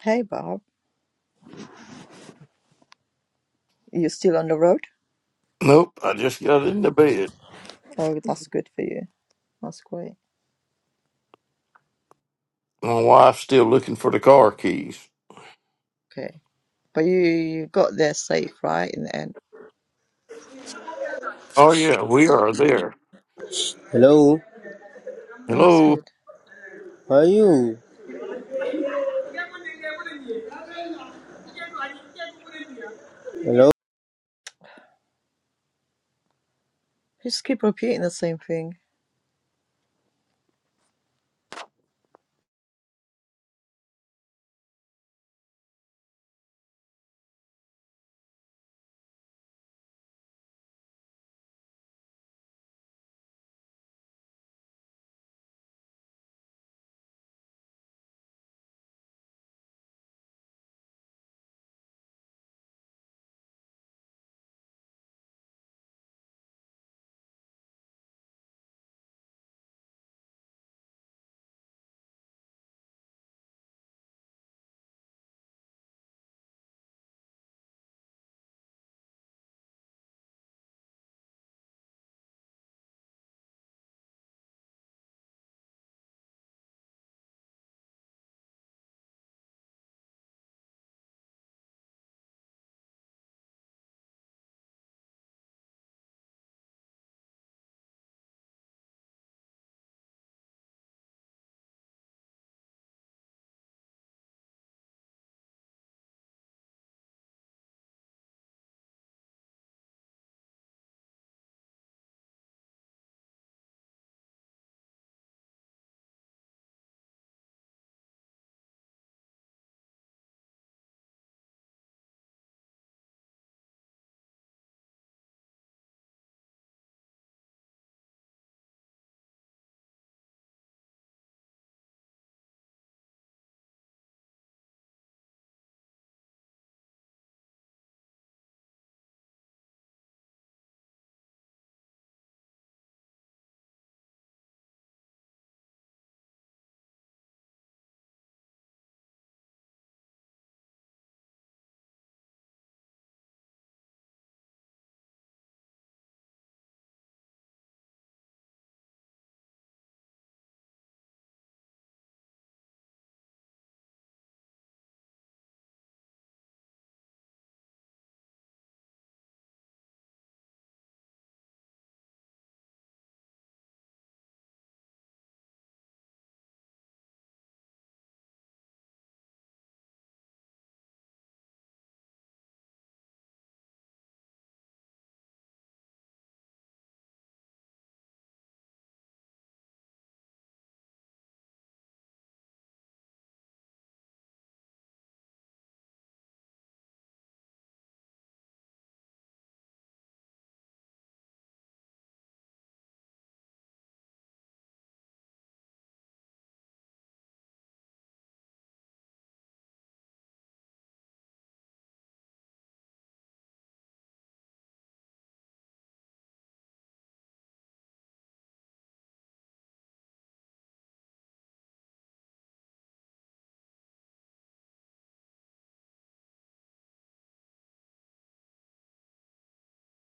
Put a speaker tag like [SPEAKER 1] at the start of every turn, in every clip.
[SPEAKER 1] Hey Bob, you still on the road?
[SPEAKER 2] Nope, I just got into bed.
[SPEAKER 1] Oh, that's good for you. That's great.
[SPEAKER 2] My wife's still looking for the car keys.
[SPEAKER 1] Okay, but you, you got there safe, right? In the end,
[SPEAKER 2] Oh yeah, we are there.
[SPEAKER 3] Hello,
[SPEAKER 1] oh, that's
[SPEAKER 2] Hello.
[SPEAKER 1] good.
[SPEAKER 3] how are you? Hello,
[SPEAKER 1] You just keep repeating the same thing.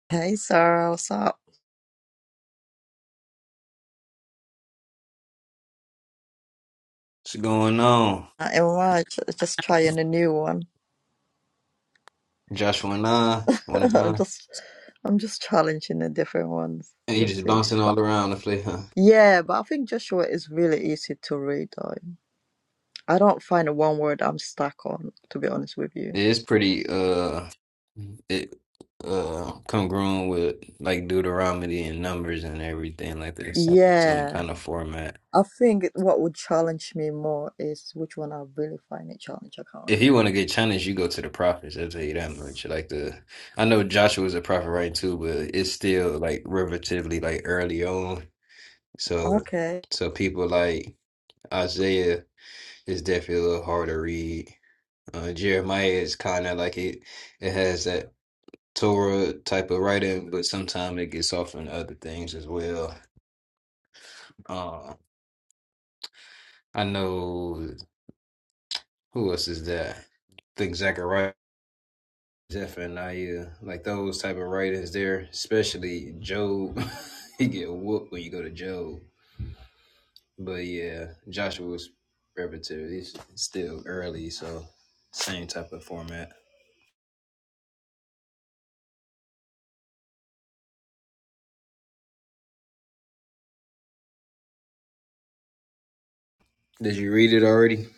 [SPEAKER 1] Hey Sarah, what's up?
[SPEAKER 4] What's going on?
[SPEAKER 1] Not much. Just trying a new one.
[SPEAKER 4] Joshua and I, one and
[SPEAKER 1] I'm
[SPEAKER 4] nine.
[SPEAKER 1] just I'm just challenging the different ones.
[SPEAKER 4] And he
[SPEAKER 1] Just
[SPEAKER 4] just
[SPEAKER 1] see,
[SPEAKER 4] bouncing
[SPEAKER 1] but
[SPEAKER 4] all around the place, huh?
[SPEAKER 1] yeah, but I think Joshua is really easy to read. Though. I don't find one word I'm stuck on. To be honest with you,
[SPEAKER 4] Yeah, It's pretty uh it uh congruent with like Deuteronomy and numbers and everything like this. Some some
[SPEAKER 1] yeah.
[SPEAKER 4] kind of format.
[SPEAKER 1] I think it- what would challenge me more is which one I really find it challenge. I can't
[SPEAKER 4] If you want to
[SPEAKER 1] remember.
[SPEAKER 4] get challenged, you go to the prophets. I'll tell you that much. Like the I know Joshua was a prophet right too, but it's still like relatively like early on. So
[SPEAKER 1] Okay.
[SPEAKER 4] so people like Isaiah is definitely a little hard to read Uh, Jeremiah is kind of like it, it has that Torah type of writing, but sometimes it gets off in other things as well. Uh, I know who else is that? I think Zechariah, Zephaniah, like those type of writings there, especially Job. you get whooped when you go to Job. But yeah, Joshua's repetitive. It's still early, so same type of format. Did you read it already?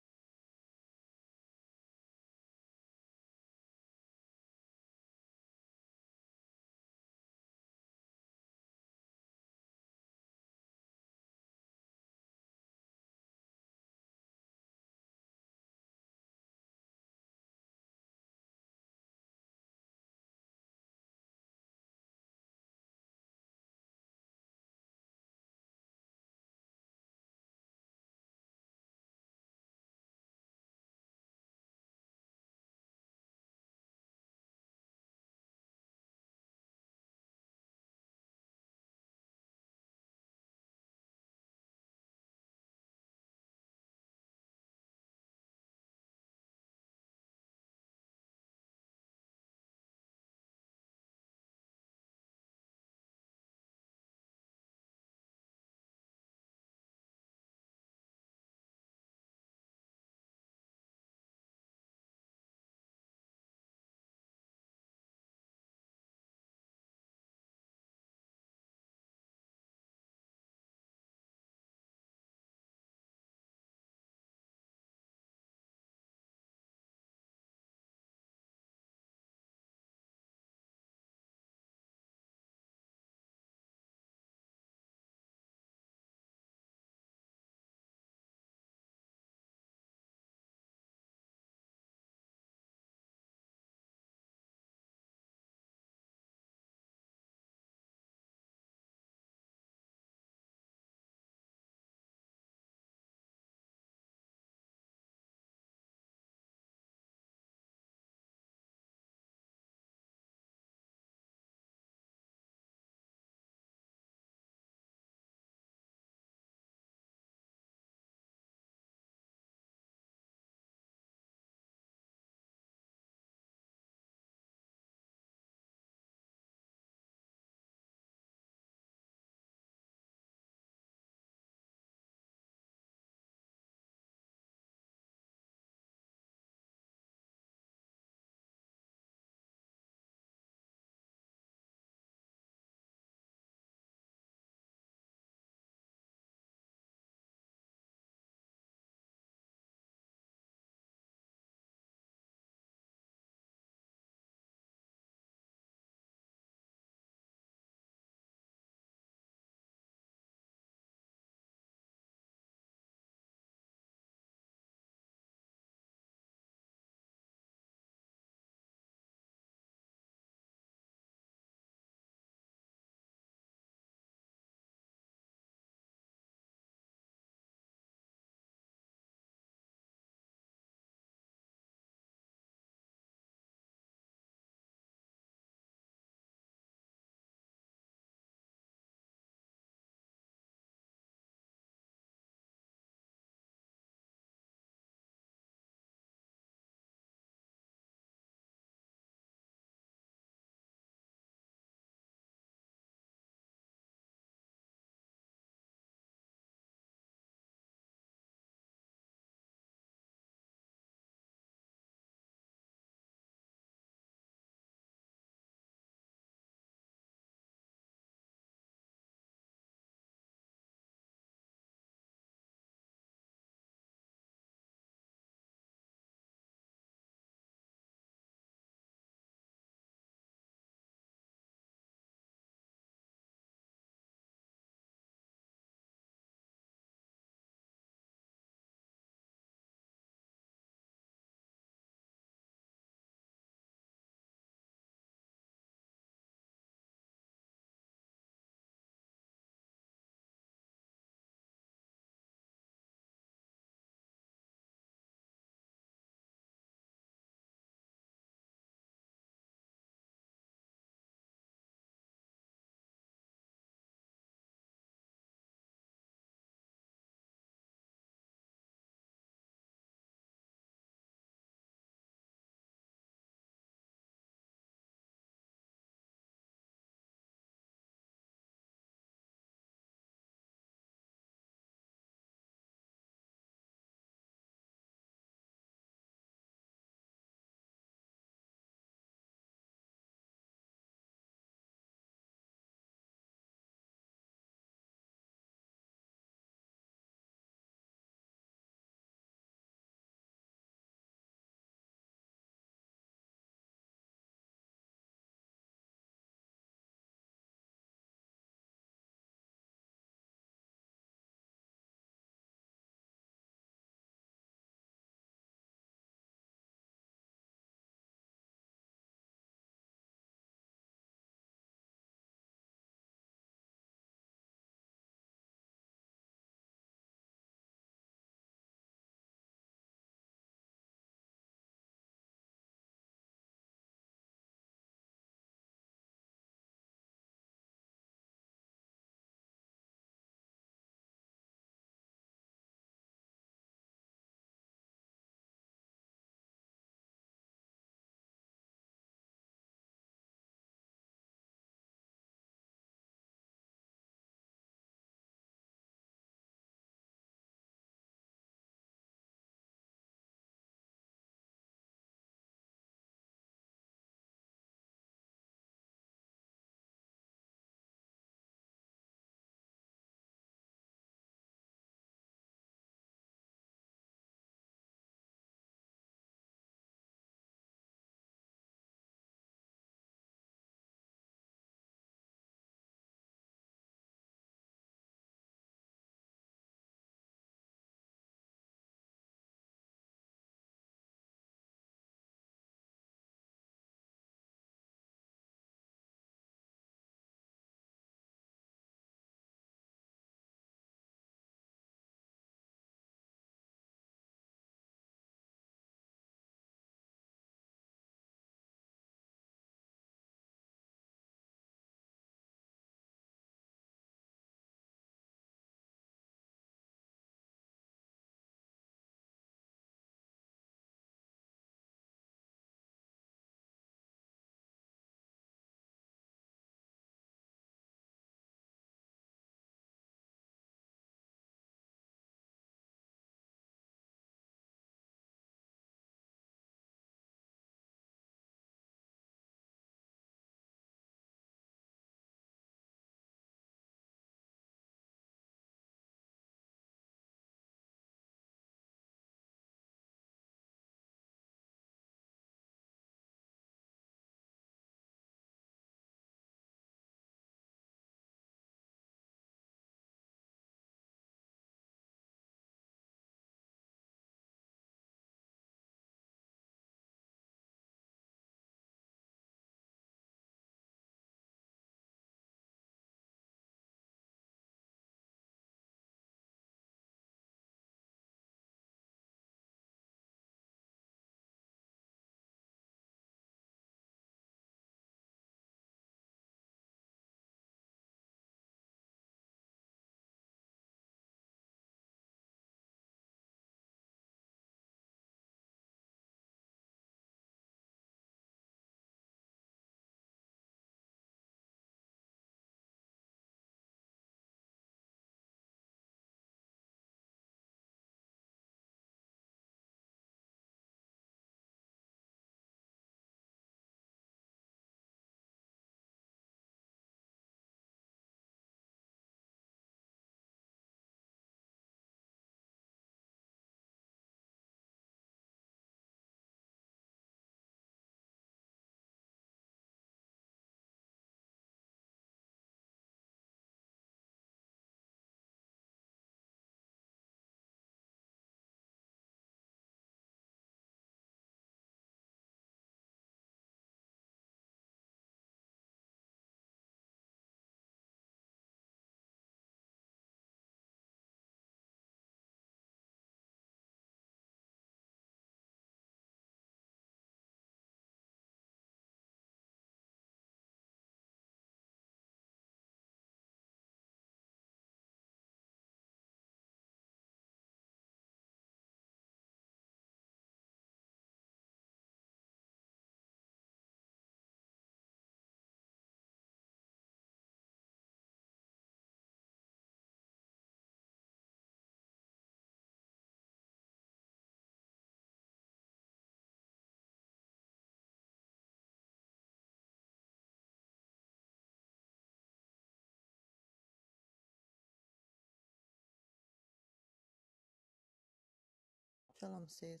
[SPEAKER 1] Tell 'em, sis.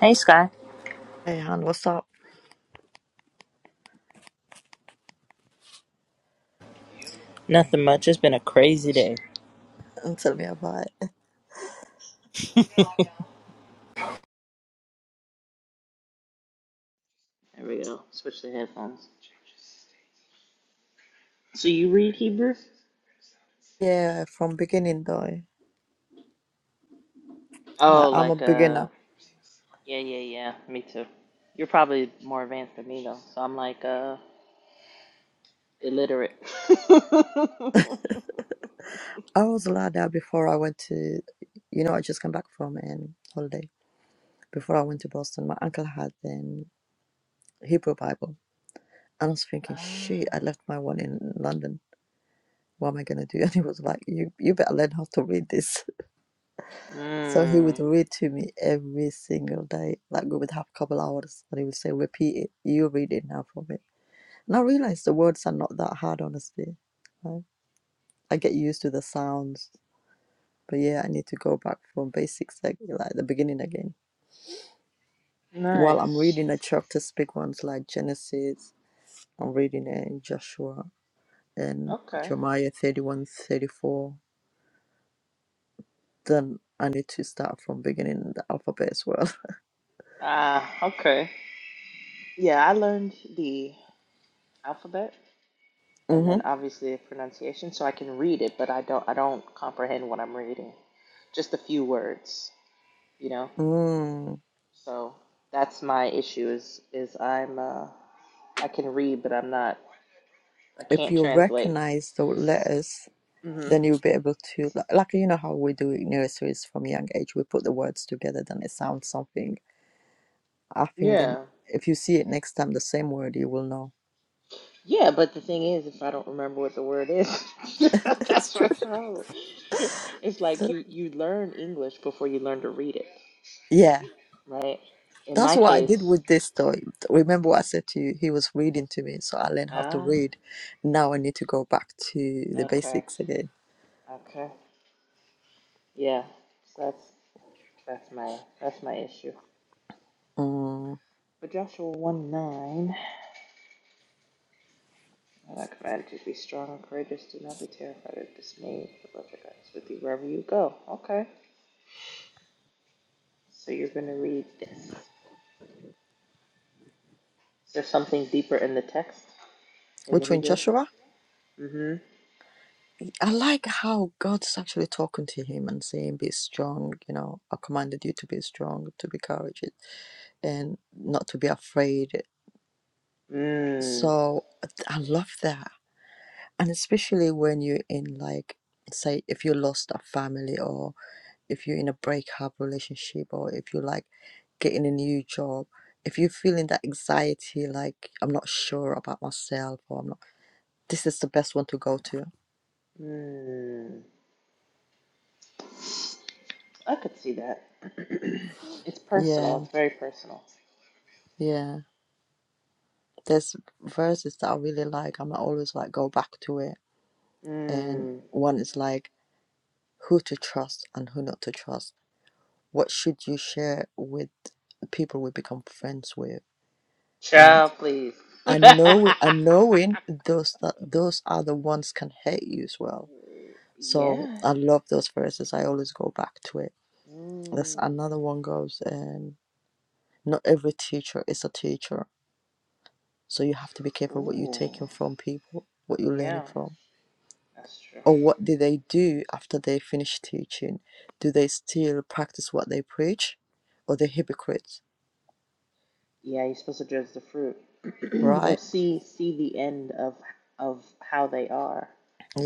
[SPEAKER 5] Hey, Sky.
[SPEAKER 1] Hey, Han, what's up?
[SPEAKER 5] Nothing much. It's been a crazy day.
[SPEAKER 1] And tell me about it.
[SPEAKER 5] There we go. Switch the headphones. So you read Hebrew?
[SPEAKER 1] Yeah, from beginning though.
[SPEAKER 5] Oh,
[SPEAKER 1] Like, I'm a
[SPEAKER 5] like uh,
[SPEAKER 1] beginner.
[SPEAKER 5] yeah, yeah, yeah. Me too. You're probably more advanced than me though. So I'm like uh, illiterate.
[SPEAKER 1] I was like that before I went to, you know, I just came back from an holiday. Before I went to Boston, my uncle had an Hebrew Bible. And I was thinking,
[SPEAKER 5] ah,
[SPEAKER 1] shit, I left my one in London. What am I going to do? And he was like, you, you better learn how to read this. So he
[SPEAKER 5] mm,
[SPEAKER 1] would read to me every single day. Like we would have a couple hours and he would say, Repeat it. You read it now for me. And I realized the words are not that hard, honestly. Like, I get used to the sounds. But yeah, I need to go back from basics, like, like the beginning again. While I'm
[SPEAKER 5] nice.
[SPEAKER 1] reading a chapter, big ones like Genesis, I'm reading it in Joshua and
[SPEAKER 5] Okay.
[SPEAKER 1] Jeremiah 31 34. Then I need to start from beginning the alphabet as well.
[SPEAKER 5] Ah, okay. Yeah, I learned the alphabet and then
[SPEAKER 1] mm-hmm.
[SPEAKER 5] obviously the pronunciation so i can read it but i don't i don't comprehend what i'm reading just a few words you know
[SPEAKER 1] Mm.
[SPEAKER 5] so that's my issue is is i'm uh i can read but i'm not i
[SPEAKER 1] if
[SPEAKER 5] can't
[SPEAKER 1] you
[SPEAKER 5] translate
[SPEAKER 1] recognize the letters,
[SPEAKER 5] hmm
[SPEAKER 1] then you'll be able to, like, like, you know how we do in nurseries from a young age, we put the words together, then it sounds something. I think then
[SPEAKER 5] yeah
[SPEAKER 1] if you see it next time, the same word, you will know.
[SPEAKER 5] yeah but the thing is if i don't remember what the word is
[SPEAKER 1] It's
[SPEAKER 5] that's
[SPEAKER 1] true.
[SPEAKER 5] my problem it's like you you learn english before you learn to read it
[SPEAKER 1] Yeah,
[SPEAKER 5] right in
[SPEAKER 1] that's
[SPEAKER 5] my
[SPEAKER 1] what I did
[SPEAKER 5] case
[SPEAKER 1] with this story. Remember what I said to you? He was reading to me, so I learned how to
[SPEAKER 5] ah
[SPEAKER 1] read. Now I need to go back to the
[SPEAKER 5] okay
[SPEAKER 1] basics again.
[SPEAKER 5] okay yeah so that's That's my that's my issue.
[SPEAKER 1] Mm.
[SPEAKER 5] But Joshua one nine, I command you to be strong and courageous. Do not be terrified or dismayed. The Lord your God is with you wherever you go. Okay. So you're gonna read this. Is there something deeper in the text in the
[SPEAKER 1] Which one,
[SPEAKER 5] Hebrew?
[SPEAKER 1] Joshua?
[SPEAKER 5] Mm-hmm.
[SPEAKER 1] I like how God's actually talking to him and saying, Be strong, you know, I commanded you to be strong, to be courageous, and not to be afraid.
[SPEAKER 5] Mm.
[SPEAKER 1] So I love that. And especially when you're in, like, say, if you lost a family, or if you're in a breakup relationship, or if you like getting a new job, if you're feeling that anxiety, like, I'm not sure about myself, or I'm not, this is the best one to go to.
[SPEAKER 5] Mm. I could see that. it's personal.
[SPEAKER 1] Yeah,
[SPEAKER 5] It's very personal.
[SPEAKER 1] yeah. There's verses that I really like. I'm always like go back to it. And
[SPEAKER 5] Mm.
[SPEAKER 1] one is like who to trust and who not to trust. What should you share with the people we become friends with? And
[SPEAKER 5] Child, please.
[SPEAKER 1] and knowing and knowing those that those are the ones can hate you as well. So
[SPEAKER 5] yeah.
[SPEAKER 1] I love those verses. I always go back to it. That's
[SPEAKER 5] Mm.
[SPEAKER 1] another one goes. Um, not every teacher is a teacher, so you have to be careful what you're
[SPEAKER 5] Ooh.
[SPEAKER 1] taking from people, what you're
[SPEAKER 5] Yeah,
[SPEAKER 1] learning from
[SPEAKER 5] that's true.
[SPEAKER 1] or what do they do after they finish teaching? Do they still practice what they preach, or they hypocrites?
[SPEAKER 5] Yeah, you're supposed to judge the fruit or
[SPEAKER 1] Right?
[SPEAKER 5] see see the end of of how they are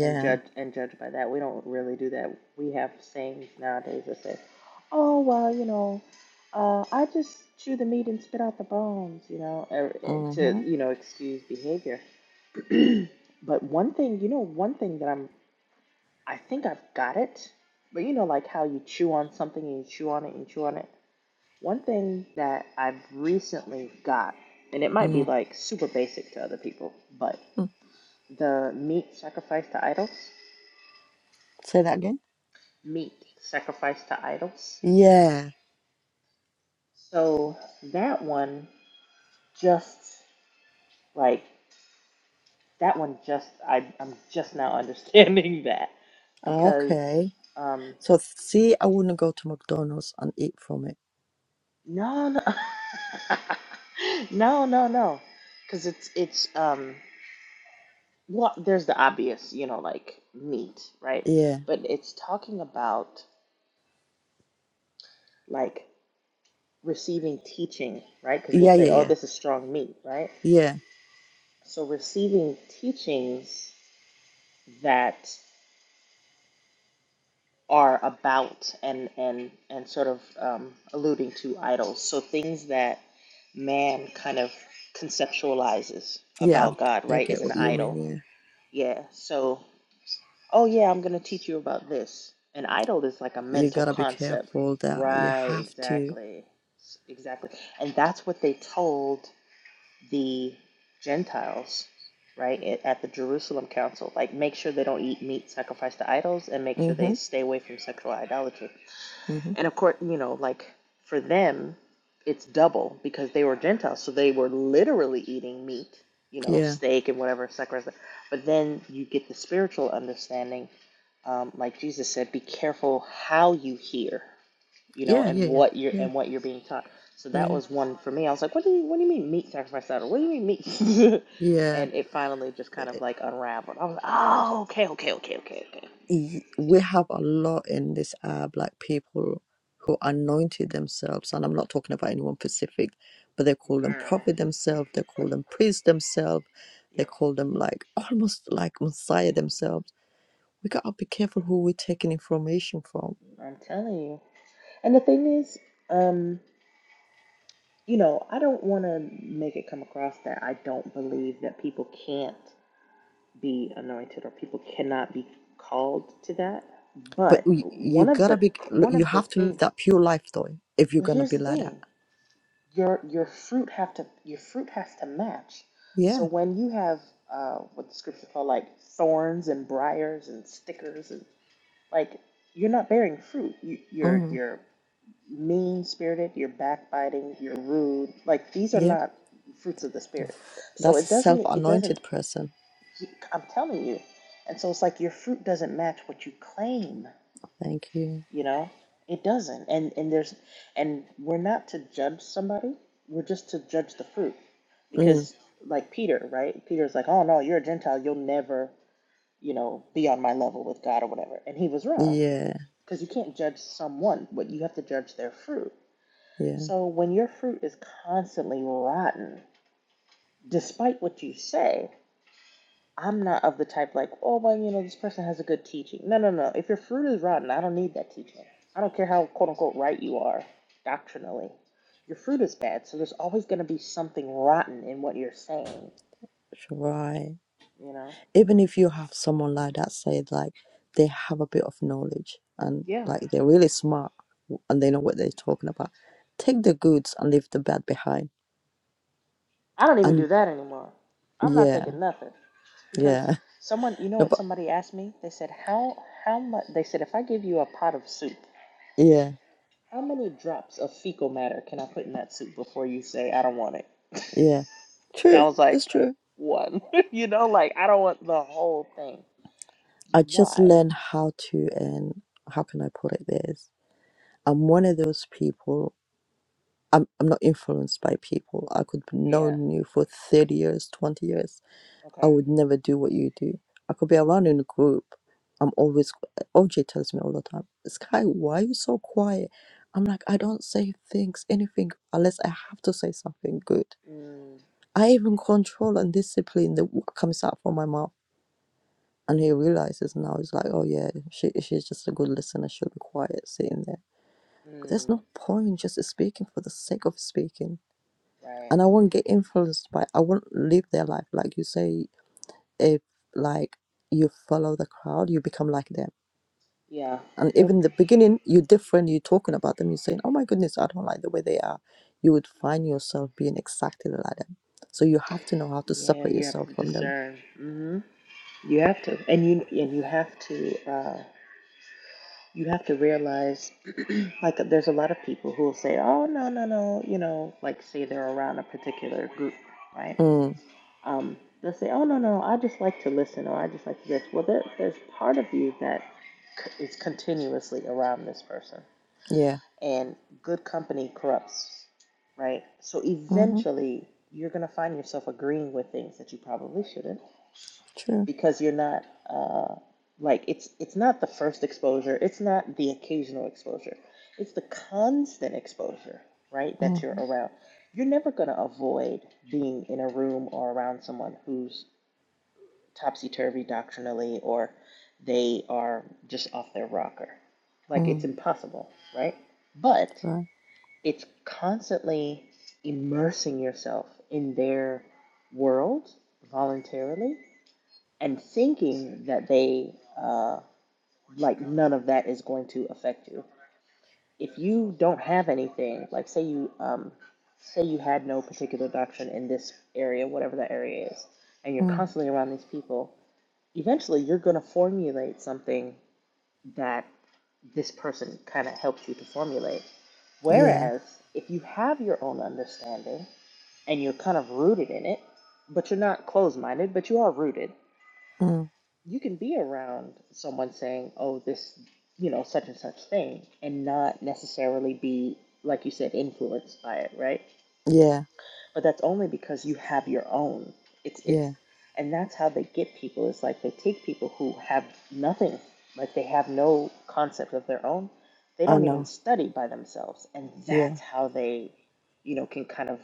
[SPEAKER 5] and judge and judge by that. We don't really do that. We have sayings nowadays that say, "Oh, well, you know, uh, I just chew the meat and spit out the bones," you know, er, eh, to,
[SPEAKER 1] Mm-hmm.
[SPEAKER 5] you know, excuse behavior. But one thing, you know, one thing that I'm I think I've got it. But you know, like how you chew on something and you chew on it and chew on it. One thing that I've recently got, and it might be
[SPEAKER 1] mm-hmm.
[SPEAKER 5] like super basic to other people, but the meat sacrificed to idols.
[SPEAKER 1] Say that again.
[SPEAKER 5] Meat sacrificed to idols.
[SPEAKER 1] Yeah.
[SPEAKER 5] So that one just like that one just I I'm just now understanding that because
[SPEAKER 1] Okay.
[SPEAKER 5] um
[SPEAKER 1] So see, I wouldn't go to McDonald's and eat from it.
[SPEAKER 5] no no no no no because it's it's um Well, there's the obvious, you know, like meat, right?
[SPEAKER 1] Yeah.
[SPEAKER 5] But it's talking about like receiving teaching, right? Because we'll
[SPEAKER 1] Yeah.
[SPEAKER 5] say,
[SPEAKER 1] Yeah.
[SPEAKER 5] oh,
[SPEAKER 1] Yeah.
[SPEAKER 5] this is strong meat, right?
[SPEAKER 1] Yeah.
[SPEAKER 5] So receiving teachings that are about and and and sort of um, alluding to idols. So things that man kind of conceptualizes
[SPEAKER 1] Yeah.
[SPEAKER 5] about God,
[SPEAKER 1] I, I
[SPEAKER 5] right, is
[SPEAKER 1] get
[SPEAKER 5] an
[SPEAKER 1] what you mean.
[SPEAKER 5] idol.
[SPEAKER 1] Yeah.
[SPEAKER 5] Yeah. So Oh, yeah, I'm going to teach you about this. An idol is like a
[SPEAKER 1] You
[SPEAKER 5] mental
[SPEAKER 1] gotta be
[SPEAKER 5] concept.
[SPEAKER 1] careful that you
[SPEAKER 5] Right,
[SPEAKER 1] have to.
[SPEAKER 5] exactly. S- Exactly. And that's what they told the Gentiles, right, at at the Jerusalem Council. Like, make sure they don't eat meat sacrificed to idols and make sure they
[SPEAKER 1] Mm-hmm.
[SPEAKER 5] stay away from sexual idolatry.
[SPEAKER 1] Mm-hmm.
[SPEAKER 5] And of course, you know, like for them, it's double because they were Gentiles. So they were literally eating meat, you know,
[SPEAKER 1] Yeah.
[SPEAKER 5] steak and whatever, et cetera, et cetera. But then you get the spiritual understanding. Um, like Jesus said, be careful how you hear, you know,
[SPEAKER 1] Yeah.
[SPEAKER 5] and
[SPEAKER 1] Yeah. Yeah.
[SPEAKER 5] what you're
[SPEAKER 1] Yeah.
[SPEAKER 5] and what you're being taught. So that
[SPEAKER 1] Yeah.
[SPEAKER 5] was one for me. I was like, what do you what do you mean meat sacrifice What do you mean meat?
[SPEAKER 1] Yeah.
[SPEAKER 5] and it finally just kind of like unraveled. I was like, oh, okay, okay, okay, okay, okay,
[SPEAKER 1] y- we have a lot in this app, like people who anointed themselves, and I'm not talking about anyone specific, but they call them
[SPEAKER 5] girl.
[SPEAKER 1] prophet themselves, they call them priest themselves, they
[SPEAKER 5] Yep,
[SPEAKER 1] call them like almost like Messiah
[SPEAKER 5] yep.
[SPEAKER 1] themselves. We gotta be careful who we're taking information from,
[SPEAKER 5] I'm telling you. And the thing is, um, you know, I don't want to make it come across that I don't believe that people can't be anointed or people cannot be called to that.
[SPEAKER 1] but
[SPEAKER 5] But
[SPEAKER 1] we, you
[SPEAKER 5] one of
[SPEAKER 1] gotta
[SPEAKER 5] the
[SPEAKER 1] be,
[SPEAKER 5] one
[SPEAKER 1] you
[SPEAKER 5] of the
[SPEAKER 1] have to live
[SPEAKER 5] things,
[SPEAKER 1] that pure life though, if you're
[SPEAKER 5] well,
[SPEAKER 1] gonna
[SPEAKER 5] here's
[SPEAKER 1] be
[SPEAKER 5] the
[SPEAKER 1] like that.
[SPEAKER 5] thing: your your fruit have to your fruit has to match. So
[SPEAKER 1] Yeah.
[SPEAKER 5] when you have uh, what the scriptures call like thorns and briars and stickers and like you're not bearing fruit. You, you're
[SPEAKER 1] Mm.
[SPEAKER 5] you're mean spirited, you're backbiting, you're rude. Like these are
[SPEAKER 1] Yep.
[SPEAKER 5] not fruits of the spirit. So
[SPEAKER 1] That's a
[SPEAKER 5] it doesn't it doesn't
[SPEAKER 1] self-anointed person.
[SPEAKER 5] I'm telling you. And so it's like your fruit doesn't match what you claim,
[SPEAKER 1] Thank you.
[SPEAKER 5] you know? It doesn't. And and there's and we're not to judge somebody. We're just to judge the fruit.
[SPEAKER 1] Mm.
[SPEAKER 5] Because like Peter, right? Peter's like, "Oh no, you're a Gentile, you'll never, you know, be on my level with God or whatever." And he was wrong.
[SPEAKER 1] Yeah.
[SPEAKER 5] Because you can't judge someone, but you have to judge their fruit.
[SPEAKER 1] Yeah.
[SPEAKER 5] So when your fruit is constantly rotten, despite what you say, I'm not of the type like, oh, well, you know, this person has a good teaching. No, no, no. If your fruit is rotten, I don't need that teaching. I don't care how quote unquote right you are doctrinally. Your fruit is bad, so there's always going to be something rotten in what you're saying,
[SPEAKER 1] Sure. Right.
[SPEAKER 5] you know?
[SPEAKER 1] even if you have someone like that said like they have a bit of knowledge and
[SPEAKER 5] Yeah.
[SPEAKER 1] like they're really smart and they know what they're talking about take the goods and leave the bad behind
[SPEAKER 5] I don't even do
[SPEAKER 1] and
[SPEAKER 5] that anymore. I'm not
[SPEAKER 1] yeah
[SPEAKER 5] taking nothing because
[SPEAKER 1] yeah
[SPEAKER 5] someone, you know
[SPEAKER 1] no,
[SPEAKER 5] what
[SPEAKER 1] but
[SPEAKER 5] somebody asked me? They said, "How how much?" They said, "If I give you a pot of soup,
[SPEAKER 1] yeah
[SPEAKER 5] How many drops of fecal matter can I put in that soup before you say, I don't want it?
[SPEAKER 1] yeah
[SPEAKER 5] And I
[SPEAKER 1] true
[SPEAKER 5] was
[SPEAKER 1] it's
[SPEAKER 5] like,
[SPEAKER 1] true
[SPEAKER 5] one. you know, like, I don't want the whole thing.
[SPEAKER 1] i just
[SPEAKER 5] Why?
[SPEAKER 1] learned how to and how can i put it this i'm one of those people I'm, I'm not influenced by people i could have
[SPEAKER 5] Yeah.
[SPEAKER 1] known you for 30 years 20 years I
[SPEAKER 5] Okay.
[SPEAKER 1] would never do what you do. I could be around in a group. I'm always OJ tells me all the time, Sky, why are you so quiet? I'm like, I don't say things, anything, unless I have to say something good.
[SPEAKER 5] Mm,
[SPEAKER 1] I even control and discipline the what comes out from my mouth. And he realizes now he's like, oh yeah, she she's just a good listener. She'll be quiet sitting there. But there's
[SPEAKER 5] mm,
[SPEAKER 1] no point just speaking for the sake of speaking.
[SPEAKER 5] right.
[SPEAKER 1] And I won't get influenced by. I won't live their life like you say. if like you follow the crowd, you become like them.
[SPEAKER 5] Yeah.
[SPEAKER 1] And
[SPEAKER 5] Yep.
[SPEAKER 1] even in the beginning, you're different. You're talking about them. You're saying, "Oh my goodness, I don't like the way they are." You would find yourself being exactly like them. So you have to know how to
[SPEAKER 5] Yeah,
[SPEAKER 1] separate
[SPEAKER 5] you have
[SPEAKER 1] yourself
[SPEAKER 5] to
[SPEAKER 1] from them.
[SPEAKER 5] discern. hmm You have to, and you and you have to, uh, you have to realize, like, there's a lot of people who will say, "Oh, no, no, no," you know, like, say they're around a particular group, right?
[SPEAKER 1] Mm,
[SPEAKER 5] Um, they'll say, "Oh no, no, I just like to listen, or I just like to this." Well, there, there's part of you that c- is continuously around this person,
[SPEAKER 1] yeah.
[SPEAKER 5] and good company corrupts, right? So
[SPEAKER 1] Mm-hmm.
[SPEAKER 5] eventually, you're gonna find yourself agreeing with things that you probably shouldn't
[SPEAKER 1] True.
[SPEAKER 5] because you're not uh, like it's it's not the first exposure, it's not the occasional exposure, it's the constant exposure, right? That you're
[SPEAKER 1] Mm-hmm.
[SPEAKER 5] around. You're never gonna avoid being in a room or around someone who's topsy turvy doctrinally or they are just off their rocker. Like it's
[SPEAKER 1] Mm,
[SPEAKER 5] impossible, right? But
[SPEAKER 1] right.
[SPEAKER 5] it's constantly immersing yourself in their world voluntarily and thinking that they, uh, like, none of that is going to affect you. If you don't have anything, like, say you, um, say you had no particular doctrine in this area, whatever that area is, and you're
[SPEAKER 1] Mm,
[SPEAKER 5] constantly around these people eventually you're going to formulate something that this person kind of helps you to formulate.
[SPEAKER 1] yeah.
[SPEAKER 5] Whereas if you have your own understanding and you're kind of rooted in it, but you're not closed minded, but you are rooted,
[SPEAKER 1] Mm,
[SPEAKER 5] you can be around someone saying, oh, this, you know, such and such thing, and not necessarily be, like you said, influenced by it, right?
[SPEAKER 1] yeah.
[SPEAKER 5] But that's only because you have your own. It's it's
[SPEAKER 1] Yeah.
[SPEAKER 5] and that's how they get people. It's like they take people who have nothing, like they have no concept of their own. They
[SPEAKER 1] I
[SPEAKER 5] don't even
[SPEAKER 1] know.
[SPEAKER 5] study by themselves. And
[SPEAKER 1] Yeah.
[SPEAKER 5] that's how they, you know, can kind of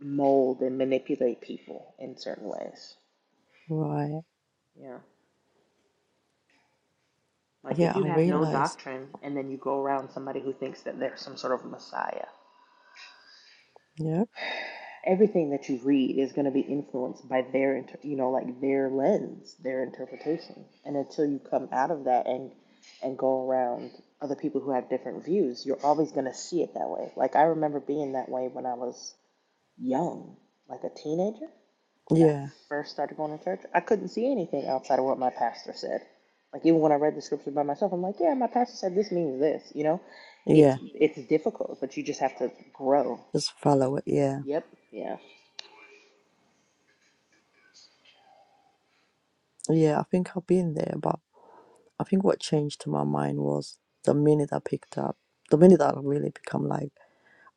[SPEAKER 5] mold and manipulate people in certain ways.
[SPEAKER 1] Right.
[SPEAKER 5] Yeah. Like
[SPEAKER 1] Yeah.
[SPEAKER 5] if you
[SPEAKER 1] I
[SPEAKER 5] have no
[SPEAKER 1] realize.
[SPEAKER 5] doctrine and then you go around somebody who thinks that they're some sort of messiah
[SPEAKER 1] Yeah.
[SPEAKER 5] everything that you read is going to be influenced by their inter- you know like their lens their interpretation and until you come out of that and and go around other people who have different views you're always going to see it that way like i remember being that way when i was young like a teenager and i
[SPEAKER 1] Yeah.
[SPEAKER 5] first started going to church i couldn't see anything outside of what my pastor said like even when i read the scripture by myself i'm like yeah my pastor said this means this you know
[SPEAKER 1] Yeah.
[SPEAKER 5] it's it's difficult but you just have to grow
[SPEAKER 1] Just follow it. Yeah.
[SPEAKER 5] yep yeah
[SPEAKER 1] Yeah. I think I've been there, but. I think what changed to my mind was the minute I picked up, the minute I really become like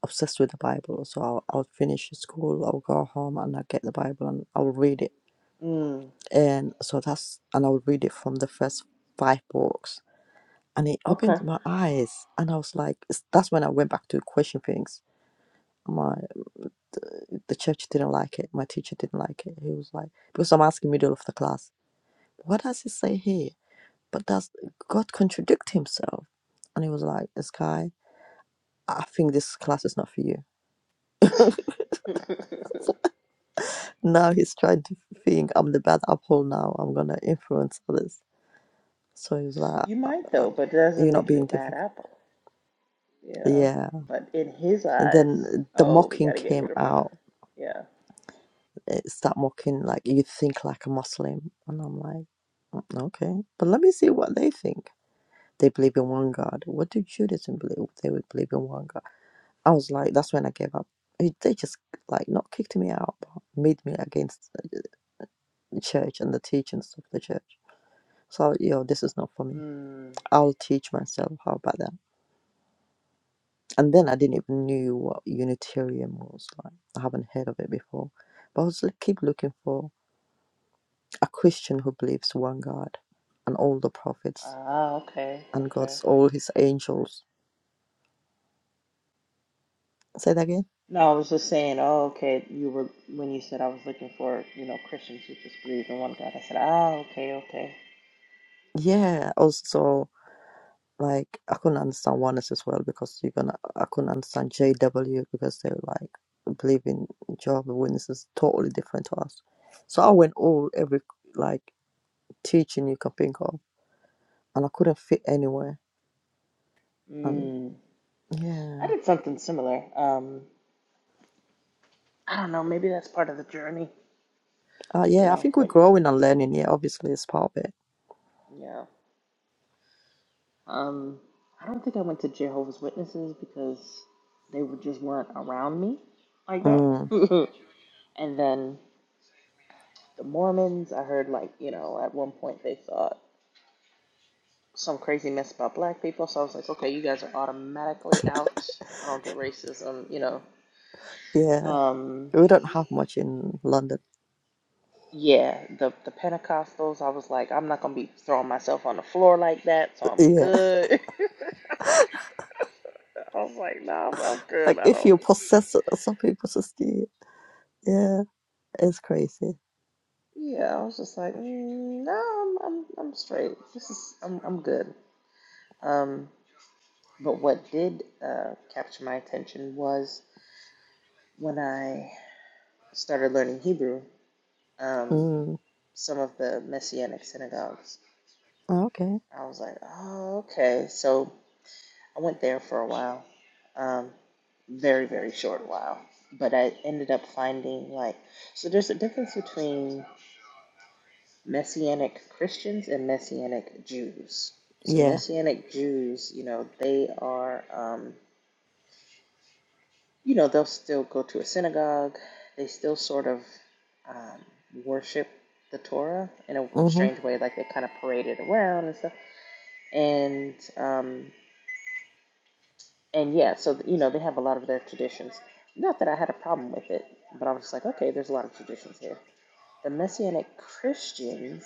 [SPEAKER 1] obsessed with the Bible. So I'll, I'll finish school, I'll go home and I'll get the Bible and I'll read it.
[SPEAKER 5] mm.
[SPEAKER 1] And so that's, and I'll read it from the first five books. And it
[SPEAKER 5] Okay.
[SPEAKER 1] opened my eyes. And I was like, it's- that's when I went back to question things. My the church didn't like it. My teacher didn't like it. He was like, because I'm asking middle of the class, what does it say here? But does God contradict himself? And he was like, this guy, I think this class is not for you. Now he's trying to think I'm the bad apple now. I'm gonna influence others. So he was like,
[SPEAKER 5] you
[SPEAKER 1] "Uh,
[SPEAKER 5] might
[SPEAKER 1] uh,
[SPEAKER 5] though, but it doesn't
[SPEAKER 1] You're not
[SPEAKER 5] make you a
[SPEAKER 1] being
[SPEAKER 5] bad
[SPEAKER 1] difficult.
[SPEAKER 5] apple, you know.
[SPEAKER 1] Yeah.
[SPEAKER 5] But in his
[SPEAKER 1] And
[SPEAKER 5] eyes,
[SPEAKER 1] then the
[SPEAKER 5] oh, we got
[SPEAKER 1] mocking
[SPEAKER 5] to get
[SPEAKER 1] came
[SPEAKER 5] rid of her.
[SPEAKER 1] out.
[SPEAKER 5] Yeah.
[SPEAKER 1] It started mocking, like, you think like a Muslim. And I'm like, "Mm, Okay. But let me see what they think. They believe in one God. What do Judaism believe? They would believe in one God. I was like, That's when I gave up. It- They just, like, not kicked me out, but made me against the church and the teachings of the church. So, yo, this is not for me.
[SPEAKER 5] Mm.
[SPEAKER 1] I'll teach myself. How about that? And then I didn't even knew what Unitarian was like. I haven't heard of it before. But I was like, keep looking for a Christian who believes one God and all the prophets
[SPEAKER 5] Ah, okay,
[SPEAKER 1] and
[SPEAKER 5] okay.
[SPEAKER 1] God's all his angels. Say that again?
[SPEAKER 5] No, I was just saying. Oh, okay. You were when you said I was looking for you know Christians who just believe in one God. I said, ah, okay, okay.
[SPEAKER 1] Yeah. Also, like, I couldn't understand oneness as well because you're gonna, I couldn't understand JW because they were like, believe in Jehovah's Witnesses totally different to us. So I went all every like teaching you can think of, and I couldn't fit anywhere. And
[SPEAKER 5] Mm. I
[SPEAKER 1] yeah,
[SPEAKER 5] did something similar. Um, I don't know. Maybe that's part of the journey.
[SPEAKER 1] uh,
[SPEAKER 5] You
[SPEAKER 1] yeah, I
[SPEAKER 5] know
[SPEAKER 1] think we're
[SPEAKER 5] when.
[SPEAKER 1] growing and learning. Yeah, obviously, it's part of it.
[SPEAKER 5] Yeah. Um, I don't think I went to Jehovah's Witnesses because they were, just weren't around me like that.
[SPEAKER 1] Mm,
[SPEAKER 5] and then the Mormons, I heard like you know at one point they thought some crazy mess about black people, so I was like, okay, you guys are automatically out. I don't do racism, you know.
[SPEAKER 1] yeah,
[SPEAKER 5] Um,
[SPEAKER 1] we don't have much in London.
[SPEAKER 5] yeah, the the Pentecostals, I was like, I'm not gonna be throwing myself on the floor like that, so I'm
[SPEAKER 1] Yeah,
[SPEAKER 5] good. I was like, nah, I'm I'm good.
[SPEAKER 1] like
[SPEAKER 5] I
[SPEAKER 1] if you
[SPEAKER 5] don't.
[SPEAKER 1] possess it, some people possess it. Yeah, it's crazy.
[SPEAKER 5] Yeah, I was just like, mm, no, I'm, I'm I'm straight. This is I'm I'm good. Um, but what did uh, capture my attention was when I started learning Hebrew. Um,
[SPEAKER 1] Mm,
[SPEAKER 5] some of the Messianic synagogues.
[SPEAKER 1] okay.
[SPEAKER 5] I was like, oh, okay. So I went there for a while, um, very very short while. But I ended up finding like, so there's a difference between Messianic Christians and Messianic Jews. So
[SPEAKER 1] Yeah.
[SPEAKER 5] Messianic Jews, you know, they are, um, you know, they'll still go to a synagogue. They still sort of um, worship the Torah in a
[SPEAKER 1] Mm-hmm.
[SPEAKER 5] strange way, like they kind of parade it around and stuff. And um, and yeah, so you know, they have a lot of their traditions. Not that I had a problem with it, but I was just like, okay, there's a lot of traditions here. The Messianic Christians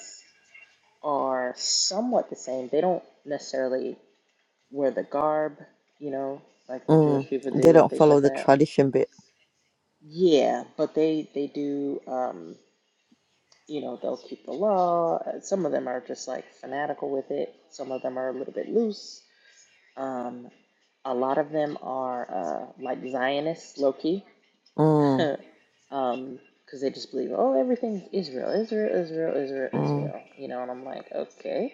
[SPEAKER 5] are somewhat the same. They don't necessarily wear the garb, you know, like the Jewish
[SPEAKER 1] Mm.
[SPEAKER 5] people
[SPEAKER 1] They
[SPEAKER 5] do and
[SPEAKER 1] don't
[SPEAKER 5] things
[SPEAKER 1] follow
[SPEAKER 5] like
[SPEAKER 1] the
[SPEAKER 5] that.
[SPEAKER 1] tradition bit.
[SPEAKER 5] Yeah, but they they do. Um, you know, they'll keep the law. Uh, Some of them are just like fanatical with it. Some of them are a little bit loose. Um, a lot of them are uh, like Zionists, low key,
[SPEAKER 1] Mm,
[SPEAKER 5] um, because they just believe, oh, everything's Israel, Israel, Israel, Israel,
[SPEAKER 1] mm,
[SPEAKER 5] Israel. You know, and I'm like, okay.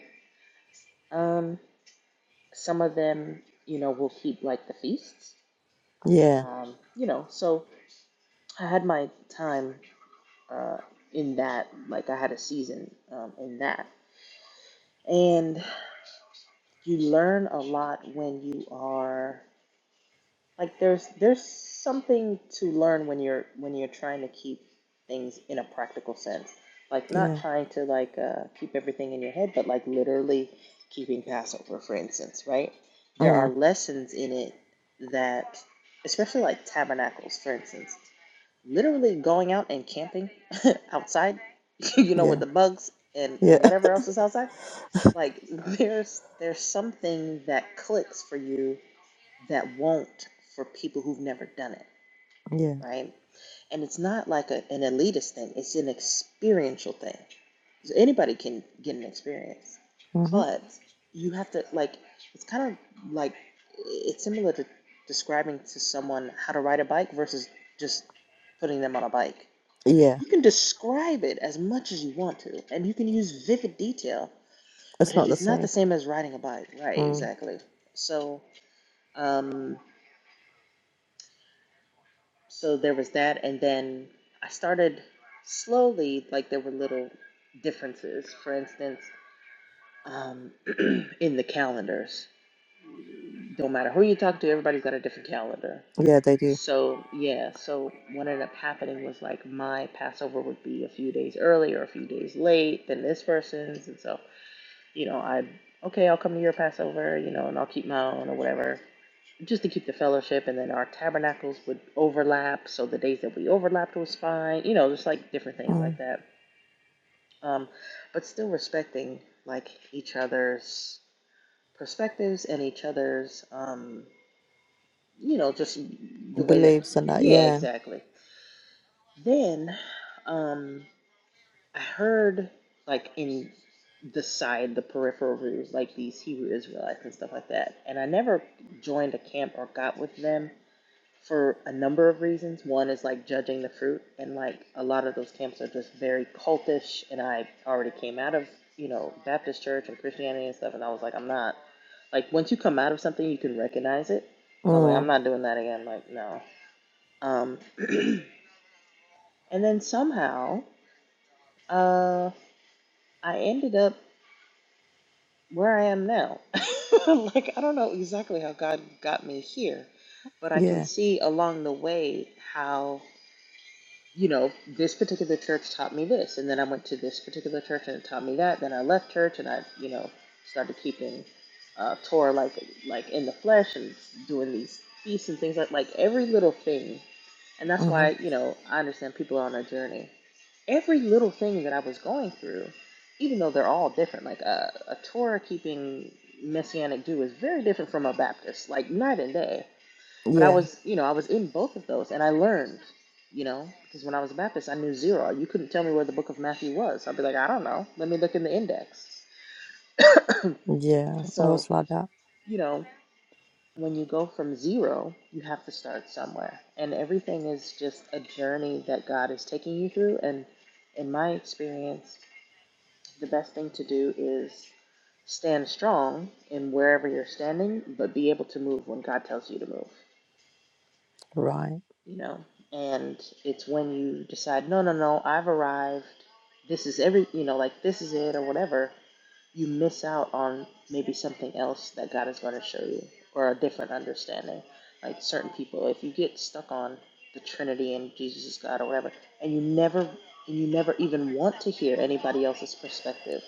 [SPEAKER 5] Um, Some of them, you know, will keep like the feasts.
[SPEAKER 1] yeah.
[SPEAKER 5] Um, you know, so I had my time uh, in that. Like I had a season um, in that, and you learn a lot when you are. Like there's there's something to learn when you're when you're trying to keep things in a practical sense. Like not
[SPEAKER 1] Yeah.
[SPEAKER 5] trying to like uh, keep everything in your head, but like literally keeping Passover, for instance, right? There are
[SPEAKER 1] Mm,
[SPEAKER 5] lessons in it that, especially like tabernacles, for instance, literally going out and camping outside, you know, with
[SPEAKER 1] yeah.
[SPEAKER 5] the bugs and,
[SPEAKER 1] Yeah.
[SPEAKER 5] and whatever else is outside. Like there's there's something that clicks for you that won't for people who've never done it,
[SPEAKER 1] Yeah.
[SPEAKER 5] right? And it's not like a, an elitist thing, it's an experiential thing. So anybody can get an experience,
[SPEAKER 1] Mm-hmm.
[SPEAKER 5] but you have to, like, it's kind of like it's similar to describing to someone how to ride a bike versus just putting them on a bike.
[SPEAKER 1] Yeah.
[SPEAKER 5] You can describe it as much as you want to, and you can use vivid detail,
[SPEAKER 1] It's
[SPEAKER 5] but it
[SPEAKER 1] not the
[SPEAKER 5] is not the
[SPEAKER 1] same.
[SPEAKER 5] same as riding a bike. Right,
[SPEAKER 1] Mm,
[SPEAKER 5] exactly. So, um, so there was that and then i started slowly like there were little differences for instance um, in the calendars don't matter who you talk to everybody's got a different calendar
[SPEAKER 1] yeah, they do.
[SPEAKER 5] so yeah so what ended up happening was like my passover would be a few days early or a few days late than this person's and so you know i okay i'll come to your passover you know and i'll keep my own or whatever just to keep the fellowship, and then our tabernacles would overlap. So the days that we overlapped was fine. You know, just like different things
[SPEAKER 1] Mm.
[SPEAKER 5] like that. Um, but still respecting like each other's perspectives and each other's, um, you know, just the way that.
[SPEAKER 1] believes in that.
[SPEAKER 5] Yeah,
[SPEAKER 1] Yeah.
[SPEAKER 5] exactly. Then um, I heard like in the side, the peripheral roots, like these Hebrew Israelites and stuff like that. And I never joined a camp or got with them for a number of reasons. One is like judging the fruit, and like a lot of those camps are just very cultish. And I already came out of, you know, Baptist church and Christianity and stuff, and I was like, I'm not. Like, once you come out of something, you can recognize it. And I was like, I'm
[SPEAKER 1] Mm.
[SPEAKER 5] not doing that again. Like, no. Um, and then somehow, uh, I ended up where I am now. like, I don't know exactly how God got me here, but I can
[SPEAKER 1] Yeah.
[SPEAKER 5] see along the way how. you know, this particular church taught me this, and then I went to this particular church and it taught me that. Then I left church and I, you know, started keeping uh, Torah like like in the flesh and doing these feasts and things like like every little thing. And that's
[SPEAKER 1] hmm
[SPEAKER 5] why you know I understand people are on a journey. Every little thing that I was going through, even though they're all different, like a, a Torah keeping Messianic Jew is very different from a Baptist, like night and day but I
[SPEAKER 1] Yeah.
[SPEAKER 5] was, you know, I was in both of those, and I learned, you know, because when I was a Baptist, I knew zero. You couldn't tell me where the Book of Matthew was. I'd be like, I don't know. Let me look in the index.
[SPEAKER 1] Yeah. I
[SPEAKER 5] So,
[SPEAKER 1] was like that.
[SPEAKER 5] you know, when you go from zero, you have to start somewhere, and everything is just a journey that God is taking you through. And in my experience, the best thing to do is stand strong in wherever you're standing, but be able to move when God tells you to move.
[SPEAKER 1] Right.
[SPEAKER 5] you know and it's when you decide no no no i've arrived this is every you know like this is it or whatever you miss out on maybe something else that god is going to show you or a different understanding like certain people if you get stuck on the trinity and jesus is god or whatever and you never and you never even want to hear anybody else's perspective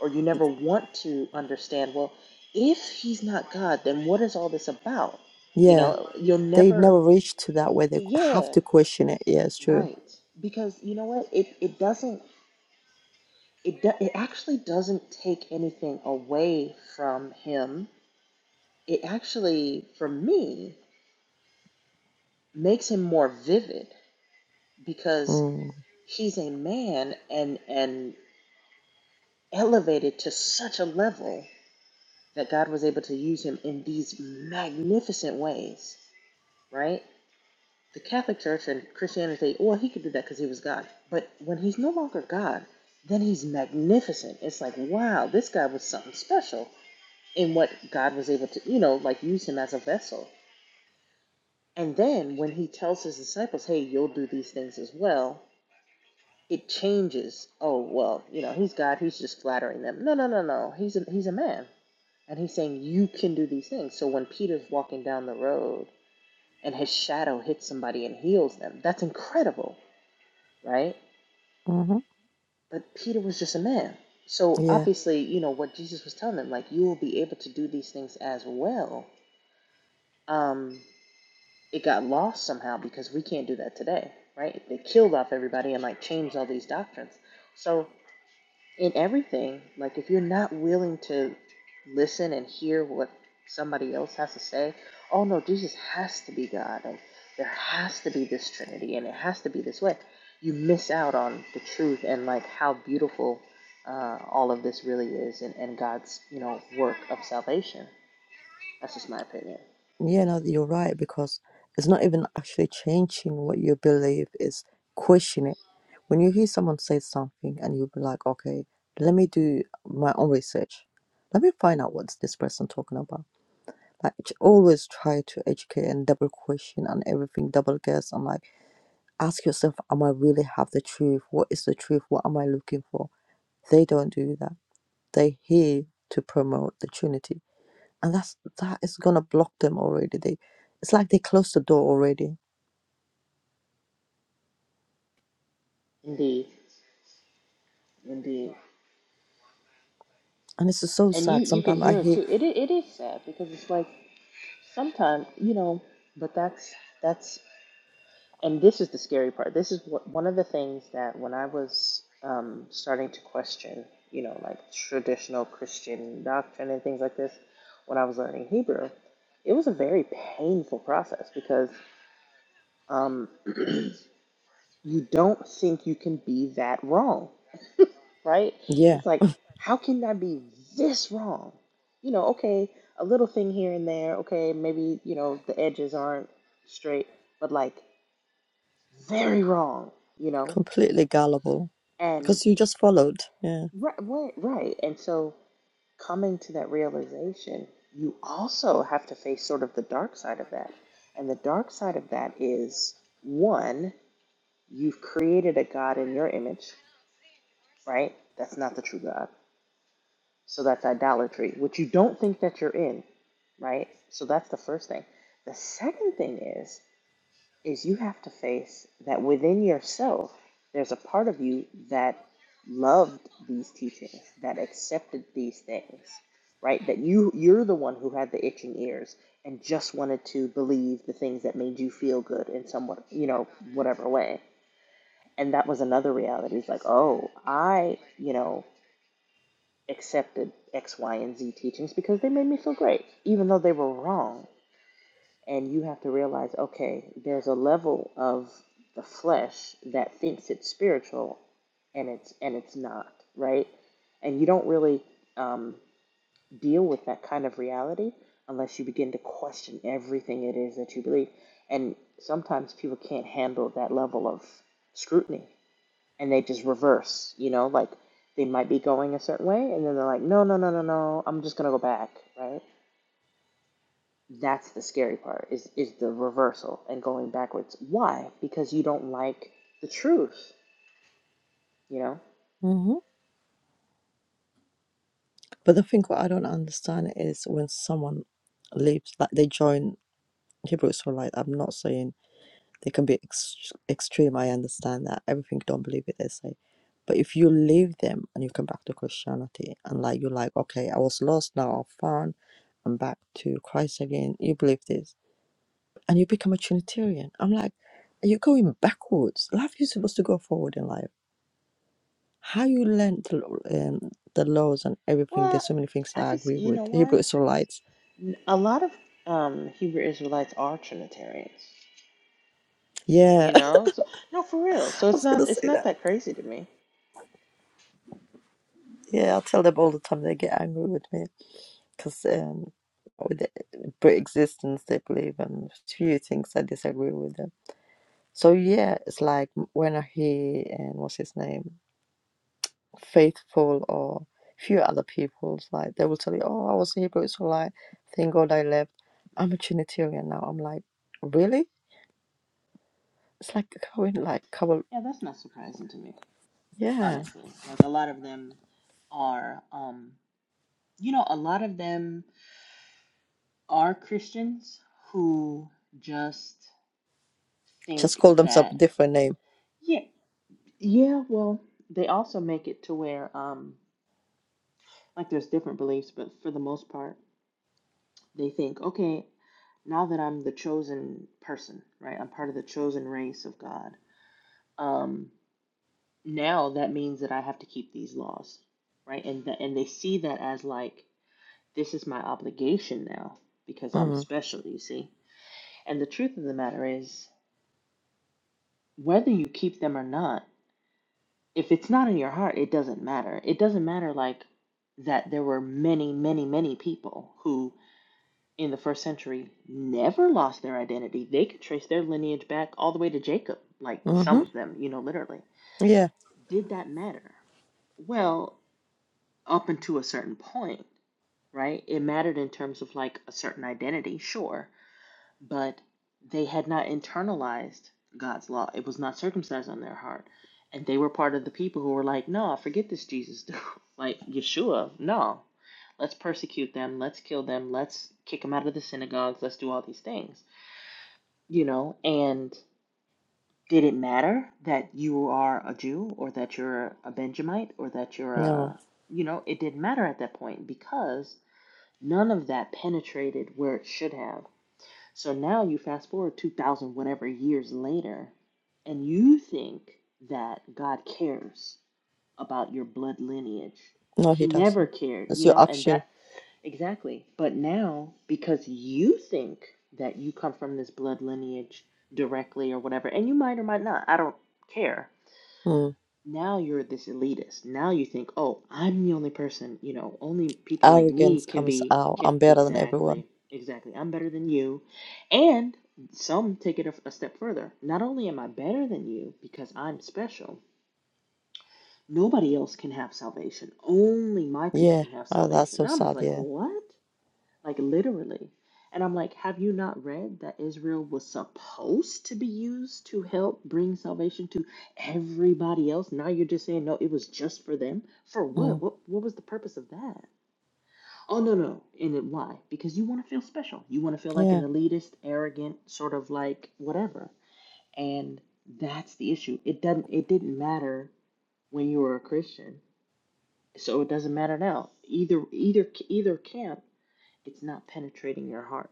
[SPEAKER 5] or you never want to understand well if he's not god then what is all this about you
[SPEAKER 1] Yeah.
[SPEAKER 5] know you'll
[SPEAKER 1] They
[SPEAKER 5] never
[SPEAKER 1] never reach to that where they have
[SPEAKER 5] yeah,
[SPEAKER 1] to question it. Yeah, it's true.
[SPEAKER 5] right. Because you know what? It it doesn't it do, it actually doesn't take anything away from him. It actually, for me, makes him more vivid because
[SPEAKER 1] Mm.
[SPEAKER 5] he's a man and and elevated to such a level that God was able to use him in these magnificent ways, right? the Catholic Church and Christianity, well, he could do that because he was God. But when he's no longer God, then he's magnificent. It's like, wow, this guy was something special in what God was able to, you know, like use him as a vessel. And then when he tells his disciples, hey, you'll do these things as well, it changes. Oh, well, you know, he's God, he's just flattering them. No, no, no, no. He's a, he's a man. And he's saying, you can do these things. So when Peter's walking down the road and his shadow hits somebody and heals them, that's incredible right?
[SPEAKER 1] hmm
[SPEAKER 5] But Peter was just a man. So
[SPEAKER 1] Yeah.
[SPEAKER 5] obviously, you know, what Jesus was telling them, like, you will be able to do these things as well. Um, it got lost somehow because we can't do that today, right? They killed off everybody and like changed all these doctrines. So in everything. Like if you're not willing to listen and hear what somebody else has to say, oh no, Jesus has to be God, and there has to be this Trinity, and it has to be this way. You miss out on the truth and like how beautiful uh, all of this really is, and, and God's you know work of salvation. That's just my opinion.
[SPEAKER 1] Yeah, no, you're right because it's not even actually changing what you believe, it's question it. When you hear someone say something and you'll be like, okay, let me do my own research. Let me find out what's this person talking about Like j- always try to educate and double question and everything, double guess and like ask yourself, am I really have the truth? What is the truth? What am I looking for? They don't do that. They here to promote the Trinity. And that's that is gonna block them already. They it's like they close the door already.
[SPEAKER 5] Indeed, indeed,
[SPEAKER 1] And it's so
[SPEAKER 5] and you
[SPEAKER 1] sad.
[SPEAKER 5] you can
[SPEAKER 1] Sometimes I
[SPEAKER 5] hear it
[SPEAKER 1] hear
[SPEAKER 5] too. It it is sad because it's like sometimes you know, but that's that's and this is the scary part. This is what, one of the things that when I was um, starting to question, you know, like traditional Christian doctrine and things like this, when I was learning Hebrew, it was a very painful process because um, you don't think you can be that wrong, right?
[SPEAKER 1] yeah,
[SPEAKER 5] It's like, how can I be this wrong? You know, okay, a little thing here and there, okay, maybe, you know, the edges aren't straight, but like very wrong, you know?
[SPEAKER 1] completely gullible.
[SPEAKER 5] And
[SPEAKER 1] Because you just followed. Yeah.
[SPEAKER 5] right, right, right. And so coming to that realization, you also have to face sort of the dark side of that. And the dark side of that is one, you've created a God in your image, right? That's not the true God. So that's idolatry, which you don't think that you're in, right? So that's the first thing. The second thing is is you have to face that within yourself, there's a part of you that loved these teachings, that accepted these things, right? That you you're the one who had the itching ears and just wanted to believe the things that made you feel good in somewhat, you know, whatever way. And that was another reality. It's like, oh, I, you know, accepted X, Y, and Z teachings because they made me feel great, even though they were wrong and you have to realize, okay, there's a level of the flesh that thinks it's spiritual and it's and it's not, right? And you don't really um, deal with that kind of reality unless you begin to question everything it is that you believe. And sometimes people can't handle that level of scrutiny and they just reverse, you know, like they might be going a certain way and then they're like, no, no, no, no, no, I'm just gonna go back, right? That's the scary part is is the reversal and going backwards. Why? Because you don't like the truth, you know?
[SPEAKER 1] hmm But the thing what I don't understand is when someone leaves like they join Hebrews for like I'm not saying they can be ex- extreme i understand that everything don't believe it is like but if you leave them and you come back to christianity and like you're like okay i was lost now i found i'm back to christ again you believe this and you become a trinitarian i'm like you're going backwards life is supposed to go forward in life how you learn the, um, the laws and everything
[SPEAKER 5] Well,
[SPEAKER 1] there's so many things that
[SPEAKER 5] I
[SPEAKER 1] i
[SPEAKER 5] can
[SPEAKER 1] agree
[SPEAKER 5] see, you
[SPEAKER 1] with
[SPEAKER 5] know
[SPEAKER 1] hebrew
[SPEAKER 5] why?
[SPEAKER 1] israelites
[SPEAKER 5] A lot of um Hebrew Israelites are Trinitarians.
[SPEAKER 1] yeah
[SPEAKER 5] You
[SPEAKER 1] i
[SPEAKER 5] know? So no for real. So it's
[SPEAKER 1] was gonna
[SPEAKER 5] not it's
[SPEAKER 1] say
[SPEAKER 5] not
[SPEAKER 1] that
[SPEAKER 5] that crazy to me.
[SPEAKER 1] yeah i tell them all the time they get angry with me because um, with the pre-existence they believe and few things I disagree with them. So yeah, it's like when he and what's his name, faithful or few other people's like they will tell you, oh, I was a Hebrew Israelite, thank God I left. I'm a Trinitarian now. I'm like, really? It's like going like couple,
[SPEAKER 5] Yeah, that's not surprising to me,
[SPEAKER 1] yeah,
[SPEAKER 5] honestly. Like a lot of them are um you know, a lot of them are Christians who just
[SPEAKER 1] just
[SPEAKER 5] think
[SPEAKER 1] call themselves
[SPEAKER 5] that
[SPEAKER 1] a different name.
[SPEAKER 5] yeah. Yeah, well, they also make it to where, um, like there's different beliefs, but for the most part, they think, okay, now that I'm the chosen person, right? I'm part of the chosen race of God. Um, now that means that I have to keep these laws, right? And that, and they see that as like this is my obligation now because I'm
[SPEAKER 1] Mm.
[SPEAKER 5] special, you see. And the truth of the matter is, whether you keep them or not. if it's not in your heart, it doesn't matter. It doesn't matter like that there were many, many, many people who in the first century never lost their identity. They could trace their lineage back all the way to Jacob, like
[SPEAKER 1] Mm-hmm.
[SPEAKER 5] some of them, you know, literally.
[SPEAKER 1] Yeah.
[SPEAKER 5] Did that matter? Well, up until a certain point, right? It mattered in terms of like a certain identity, sure but they had not internalized God's law. It was not circumcised on their heart. And they were part of the people who were like, no, forget this Jesus dude. like, Yeshua, no. Let's persecute them. Let's kill them. Let's kick them out of the synagogues. Let's do all these things, you know? And did it matter that you are a Jew or that you're a Benjamite or that you're
[SPEAKER 1] No,
[SPEAKER 5] a, you know, it didn't matter at that point because none of that penetrated where it should have so now you fast forward 2,000 whatever years later, and you think that God cares about your blood lineage.
[SPEAKER 1] no,
[SPEAKER 5] He
[SPEAKER 1] he
[SPEAKER 5] never
[SPEAKER 1] doesn't.
[SPEAKER 5] cared,
[SPEAKER 1] It's
[SPEAKER 5] you
[SPEAKER 1] your
[SPEAKER 5] know, and
[SPEAKER 1] action.
[SPEAKER 5] that exactly. But now, because you think that you come from this blood lineage directly or whatever, and you might or might not, I don't care
[SPEAKER 1] Mm.
[SPEAKER 5] now you're this elitist. Now you think, oh, I'm the only person, you know, only people like me
[SPEAKER 1] Arrogance
[SPEAKER 5] can
[SPEAKER 1] comes
[SPEAKER 5] be
[SPEAKER 1] out.
[SPEAKER 5] can
[SPEAKER 1] I'm better than everyone
[SPEAKER 5] exactly, exactly. I'm better than you. And some take it a, a step further. Not only am I better than you because I'm special, nobody else can have salvation. Only my people
[SPEAKER 1] Yeah.
[SPEAKER 5] can have
[SPEAKER 1] Oh, that's
[SPEAKER 5] salvation.
[SPEAKER 1] so
[SPEAKER 5] And I'm just
[SPEAKER 1] sad.
[SPEAKER 5] like,
[SPEAKER 1] Yeah.
[SPEAKER 5] what? like literally. And I'm like, have you not read that Israel was supposed to be used to help bring salvation to everybody else? Now you're just saying, no, it was just for them. For what?
[SPEAKER 1] Mm.
[SPEAKER 5] What what was the purpose of that? Oh no, no. And it, why? Because you want to feel special. You want to feel like an
[SPEAKER 1] Yeah.
[SPEAKER 5] elitist, arrogant, sort of like whatever. And that's the issue. It doesn't it didn't matter when you were a Christian. So it doesn't matter now. Either either either camp, it's not penetrating your heart.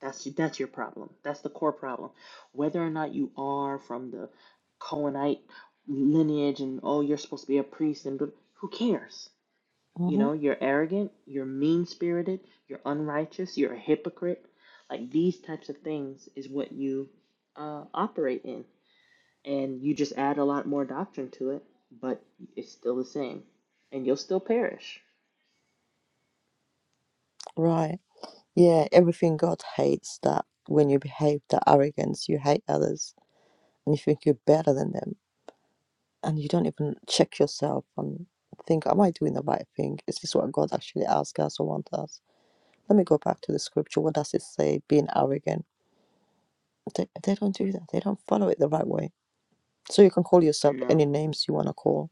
[SPEAKER 5] That's that's your problem. That's the core problem. Whether or not you are from the Cohenite lineage and oh you're supposed to be a priest and who cares? You
[SPEAKER 1] hmm
[SPEAKER 5] know, you're arrogant, you're mean-spirited, you're unrighteous, you're a hypocrite. Like these types of things is what you uh, operate in. And you just add a lot more doctrine to it, but it's still the same. And you'll still perish.
[SPEAKER 1] Right. Yeah. Everything God hates that when you behave that arrogance, you hate others and you think you're better than them and you don't even check yourself and think, am I doing the right thing? Is this what God actually asks us or wants us? Let me go back to the scripture. What does it say? Being arrogant. They, they don't do that. They don't follow it the right way. So you can call yourself
[SPEAKER 5] No.
[SPEAKER 1] any names you want to call.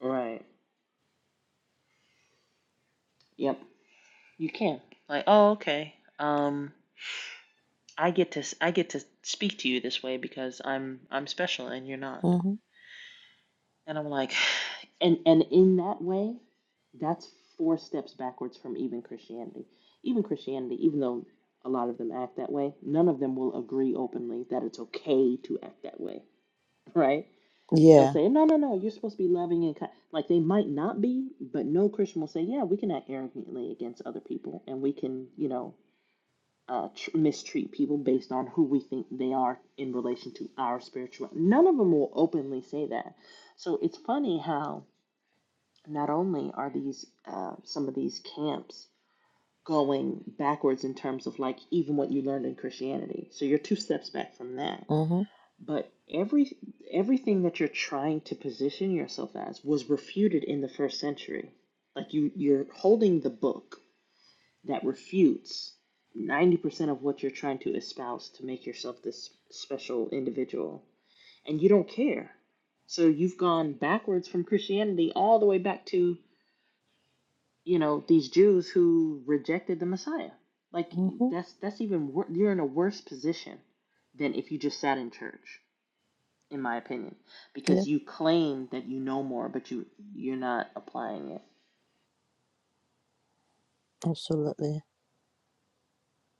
[SPEAKER 5] Right. Yep. You can. Like, oh, okay. Um I get to I get to speak to you this way because I'm I'm special and you're not.
[SPEAKER 1] hmm
[SPEAKER 5] And I'm like and and in that way, that's four steps backwards from even Christianity. Even Christianity, even though a lot of them act that way, none of them will agree openly that it's okay to act that way, right? They'll
[SPEAKER 1] Yeah.
[SPEAKER 5] say, "No, no, no, you're supposed to be loving and kind." Like they might not be, but no Christian will say, "Yeah, we can act arrogantly against other people and we can, you know, uh, tr- mistreat people based on who we think they are in relation to our spiritual. None of them will openly say that. So it's funny how not only are these uh, some of these camps going backwards in terms of like even what you learned in Christianity. So you're two steps back from that.
[SPEAKER 1] hmm
[SPEAKER 5] But every everything that you're trying to position yourself as was refuted in the first century. Like you you're holding the book that refutes 90% of what you're trying to espouse to make yourself this special individual. And you don't care. So you've gone backwards from Christianity all the way back to, you know, these Jews who rejected the Messiah. Like
[SPEAKER 1] hmm
[SPEAKER 5] that's that's even wor- you're in a worse position than if you just sat in church, in my opinion,
[SPEAKER 1] Yeah.
[SPEAKER 5] because you claim that you know more, but you you're not applying it.
[SPEAKER 1] Absolutely.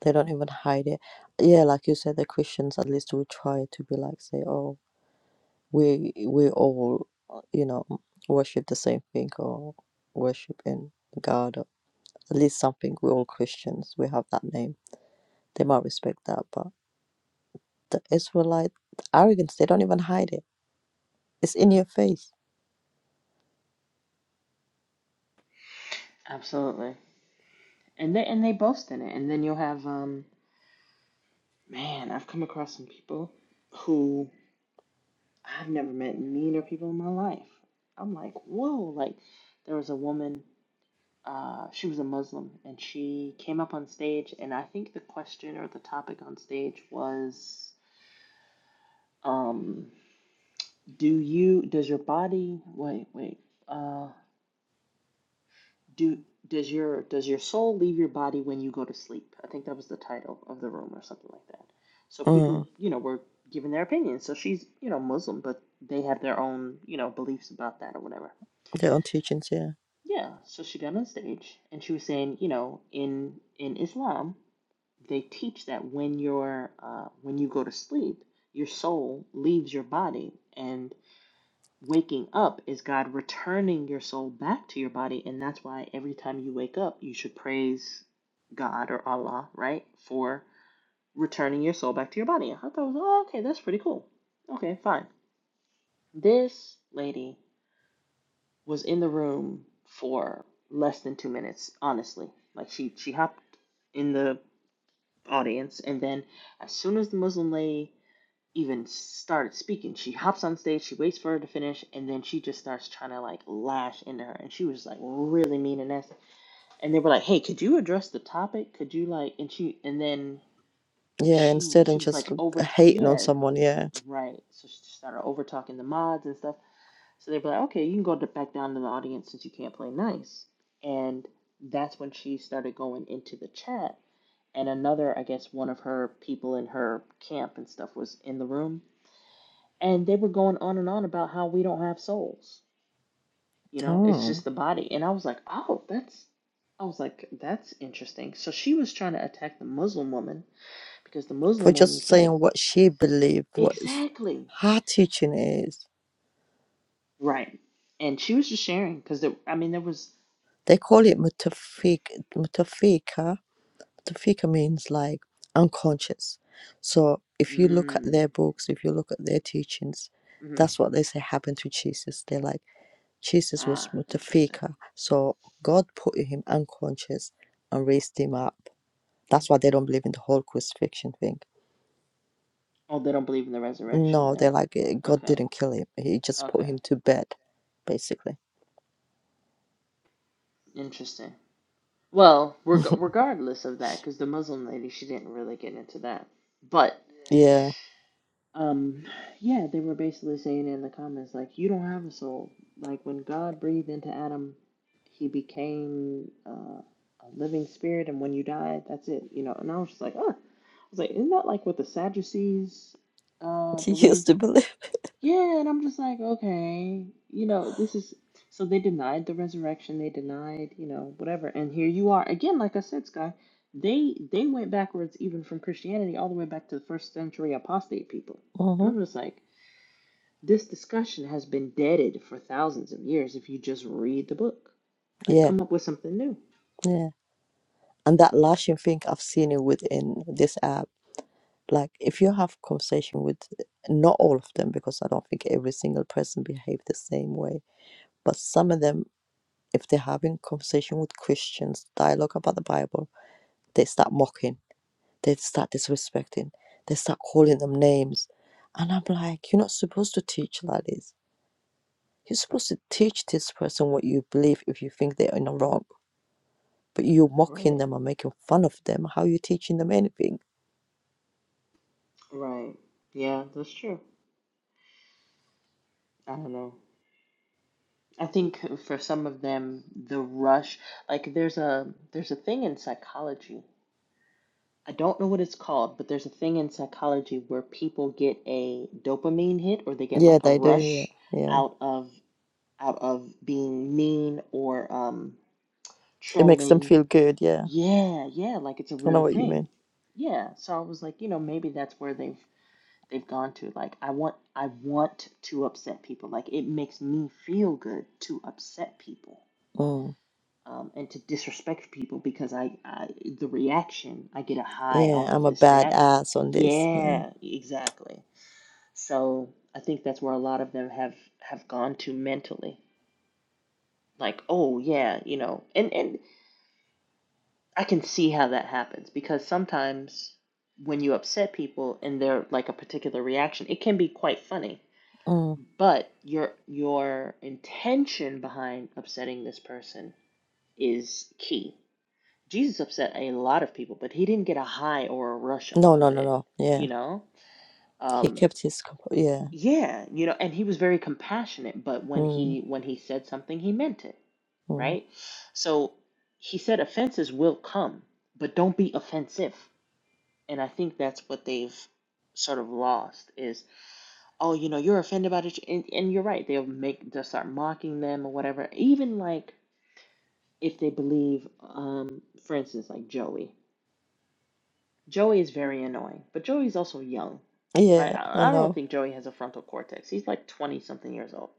[SPEAKER 1] They don't even hide it. Yeah, like you said, the Christians at least we try to be like say, oh, we we all uh, you know worship the same thing or worship in God. Or at least something. We're all Christians. We have that name. They might respect that, but the Israelite arrogance. They don't even hide it. It's in your face.
[SPEAKER 5] Absolutely. And they and they boast in it, and then you'll have um Man, I've come across some people who I've never met meaner people in my life. I'm like, whoa, like there was a woman, uh, she was a Muslim and she came up on stage and I think the question or the topic on stage was, um, do you does your body wait, wait, uh do does your does your soul leave your body when you go to sleep i think that was the title of the room or something like that so people
[SPEAKER 1] Mm,
[SPEAKER 5] you know were giving their opinions so she's you know muslim but they have their own you know beliefs about that or whatever
[SPEAKER 1] their own teachings. Yeah,
[SPEAKER 5] yeah so she got on stage and she was saying you know in in islam they teach that when you're uh, when you go to sleep your soul leaves your body and waking up is God returning your soul back to your body. And that's why every time you wake up, you should praise God or Allah, right? For returning your soul back to your body. I thought that was, oh, okay, that's pretty cool. Okay, fine. This lady was in the room for less than two minutes, honestly. Like she, she hopped in the audience, and then as soon as the Muslim lady even started speaking. She hops on stage, she waits for her to finish, and then she just starts trying to like lash into her. And she was like really mean and nasty. And they were like, "Hey, could you address the topic? Could you like?" And she and then
[SPEAKER 1] yeah.
[SPEAKER 5] she
[SPEAKER 1] Instead
[SPEAKER 5] she
[SPEAKER 1] of
[SPEAKER 5] was like
[SPEAKER 1] just
[SPEAKER 5] over talk.
[SPEAKER 1] hating on
[SPEAKER 5] Yeah,
[SPEAKER 1] someone. Yeah,
[SPEAKER 5] right. So she started over talking the mods and stuff. So they were like, "Okay, you can go to, back down to the audience since you can't play nice." And that's when she started going into the chat. And another, I guess, one of her people in her camp and stuff was in the room and they were going on and on about how we don't have souls you know it's
[SPEAKER 1] damn.
[SPEAKER 5] just the body and i was like oh that's i was like that's interesting so she was trying to attack the muslim woman because the
[SPEAKER 1] For
[SPEAKER 5] muslim woman
[SPEAKER 1] just
[SPEAKER 5] said
[SPEAKER 1] saying what she believed, what is
[SPEAKER 5] exactly
[SPEAKER 1] her teaching is
[SPEAKER 5] right and she was just sharing because i mean there was
[SPEAKER 1] They call it mutafik. Mutafika. Mutafika means like unconscious. So if you look at
[SPEAKER 5] mm,
[SPEAKER 1] their books, if you look at their teachings,
[SPEAKER 5] mm
[SPEAKER 1] that's what they say happened to Jesus. They're like, Jesus was
[SPEAKER 5] ah interesting
[SPEAKER 1] mutafika. So God put him unconscious and raised him up. That's why they don't believe in the whole crucifixion thing.
[SPEAKER 5] oh they don't believe in the resurrection
[SPEAKER 1] No,
[SPEAKER 5] then
[SPEAKER 1] they're like, "Eh, God
[SPEAKER 5] okay
[SPEAKER 1] didn't kill him. He just put
[SPEAKER 5] okay
[SPEAKER 1] him to bed, basically.
[SPEAKER 5] interesting well reg- regardless of that because the muslim lady she didn't really get into that but
[SPEAKER 1] Yeah.
[SPEAKER 5] Um, yeah, they were basically saying in the comments, like, you don't have a soul. Like, when God breathed into Adam, he became uh, a living spirit, and when you die, that's it, you know. And I was just like, oh, I was like, isn't that like what the Sadducees uh,
[SPEAKER 1] He used
[SPEAKER 5] believe?
[SPEAKER 1] to believe.
[SPEAKER 5] Yeah, and I'm just like, okay, you know, this is so they denied the resurrection, they denied, you know, whatever. And here you are again, like I said, Sky, they they went backwards even from Christianity all the way back to the first century apostate people. And
[SPEAKER 1] hmm
[SPEAKER 5] I'm just like, this discussion has been deaded for thousands of years if you just read the book. Like,
[SPEAKER 1] Yeah.
[SPEAKER 5] come up with something new.
[SPEAKER 1] yeah. and that lashing thing i've seen it within this app like if you have conversation with not all of them because i don't think every single person behave the same way but some of them if they're having conversation with christians dialogue about the bible they start mocking they start disrespecting they start calling them names and i'm like you're not supposed to teach like this you're supposed to teach this person what you believe if you think they're in the wrong but you're mocking
[SPEAKER 5] Right,
[SPEAKER 1] them and making fun of them how are you teaching them anything
[SPEAKER 5] right. Yeah, that's true. I don't know. I think for some of them, the rush, like there's a there's a thing in psychology I don't know what it's called, but there's a thing in psychology where people get a dopamine hit or they get
[SPEAKER 1] Yeah,
[SPEAKER 5] like a
[SPEAKER 1] they do. Yeah,
[SPEAKER 5] rush
[SPEAKER 1] yeah.
[SPEAKER 5] out of out of being mean or um
[SPEAKER 1] It makes them
[SPEAKER 5] trolling.
[SPEAKER 1] feel good. Yeah,
[SPEAKER 5] Yeah, yeah, like it's a
[SPEAKER 1] I know
[SPEAKER 5] real
[SPEAKER 1] what you
[SPEAKER 5] thing.
[SPEAKER 1] mean.
[SPEAKER 5] Yeah, so I was like, you know, maybe that's where they've they've gone to. Like I want I want to upset people. Like it makes me feel good to upset people
[SPEAKER 1] Mm.
[SPEAKER 5] um, and to disrespect people because I, I the reaction I get a high
[SPEAKER 1] Yeah,
[SPEAKER 5] off of
[SPEAKER 1] I'm a
[SPEAKER 5] this
[SPEAKER 1] bad
[SPEAKER 5] reaction.
[SPEAKER 1] ass on this. Yeah.
[SPEAKER 5] Yeah, exactly. So I think that's where a lot of them have have gone to mentally. Like, oh yeah, you know, and and I can see how that happens because sometimes when you upset people and they're like a particular reaction, it can be quite funny.
[SPEAKER 1] Mm.
[SPEAKER 5] But your your intention behind upsetting this person is key Jesus upset a lot of people, but he didn't get a high or a rush
[SPEAKER 1] No,
[SPEAKER 5] off
[SPEAKER 1] no,
[SPEAKER 5] of
[SPEAKER 1] no,
[SPEAKER 5] it,
[SPEAKER 1] no. Yeah,
[SPEAKER 5] you know?
[SPEAKER 1] he
[SPEAKER 5] Um,
[SPEAKER 1] kept his. comp- Yeah.
[SPEAKER 5] yeah, you know, and he was very compassionate, but when
[SPEAKER 1] Mm.
[SPEAKER 5] he when he said something, he meant it,
[SPEAKER 1] Mm.
[SPEAKER 5] right? So he said offenses will come, but don't be offensive. And I think that's what they've sort of lost is, oh, you know, you're offended about it, and, and you're right. They'll make they'll start mocking them or whatever. Even like if they believe, um, for instance, like Joey. Joey is very annoying, but Joey's also young, right?
[SPEAKER 1] Yeah, I
[SPEAKER 5] I, I don't
[SPEAKER 1] know.
[SPEAKER 5] think Joey has a frontal cortex. He's like 20 something years old.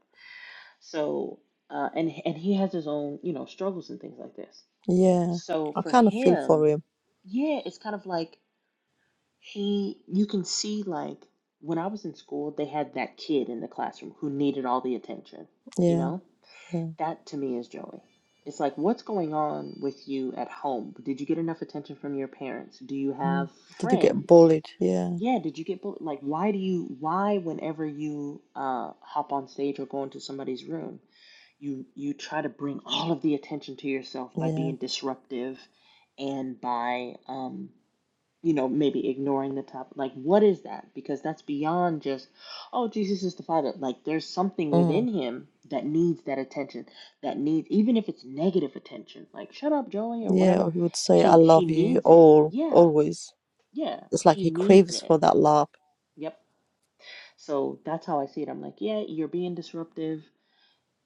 [SPEAKER 5] So, uh, and and he has his own, you know, struggles and things like this.
[SPEAKER 1] Yeah,
[SPEAKER 5] So
[SPEAKER 1] I
[SPEAKER 5] for
[SPEAKER 1] kind of feel for
[SPEAKER 5] him,
[SPEAKER 1] him.
[SPEAKER 5] yeah, it's kind of like he, you can see like when I was in school, they had that kid in the classroom who needed all the attention, you
[SPEAKER 1] Yeah,
[SPEAKER 5] know?
[SPEAKER 1] yeah.
[SPEAKER 5] That to me is Joey. It's like, what's going on with you at home? Did you get enough attention from your parents? Do you have
[SPEAKER 1] Mm. Did you get
[SPEAKER 5] friends?
[SPEAKER 1] bullied? Yeah,
[SPEAKER 5] Yeah, did you get bullied? Like, why do you, why whenever you uh hop on stage or go into somebody's room, you you try to bring all of the attention to yourself by
[SPEAKER 1] yeah.
[SPEAKER 5] being disruptive and by um you know, maybe ignoring the top. Like, what is that? Because that's beyond just, oh, Jesus is the Father. Like, there's something within
[SPEAKER 1] Mm.
[SPEAKER 5] him that needs that attention, that needs, even if it's negative attention, like, shut up, Joey, or
[SPEAKER 1] Yeah,
[SPEAKER 5] whatever.
[SPEAKER 1] or he would say, "I
[SPEAKER 5] He
[SPEAKER 1] love
[SPEAKER 5] he
[SPEAKER 1] you
[SPEAKER 5] needs it.
[SPEAKER 1] all,
[SPEAKER 5] Yeah,
[SPEAKER 1] always."
[SPEAKER 5] yeah,
[SPEAKER 1] It's like
[SPEAKER 5] he
[SPEAKER 1] he
[SPEAKER 5] needs
[SPEAKER 1] craves for
[SPEAKER 5] it.
[SPEAKER 1] that love.
[SPEAKER 5] Yep. So that's how I see it. I'm like, yeah, you're being disruptive.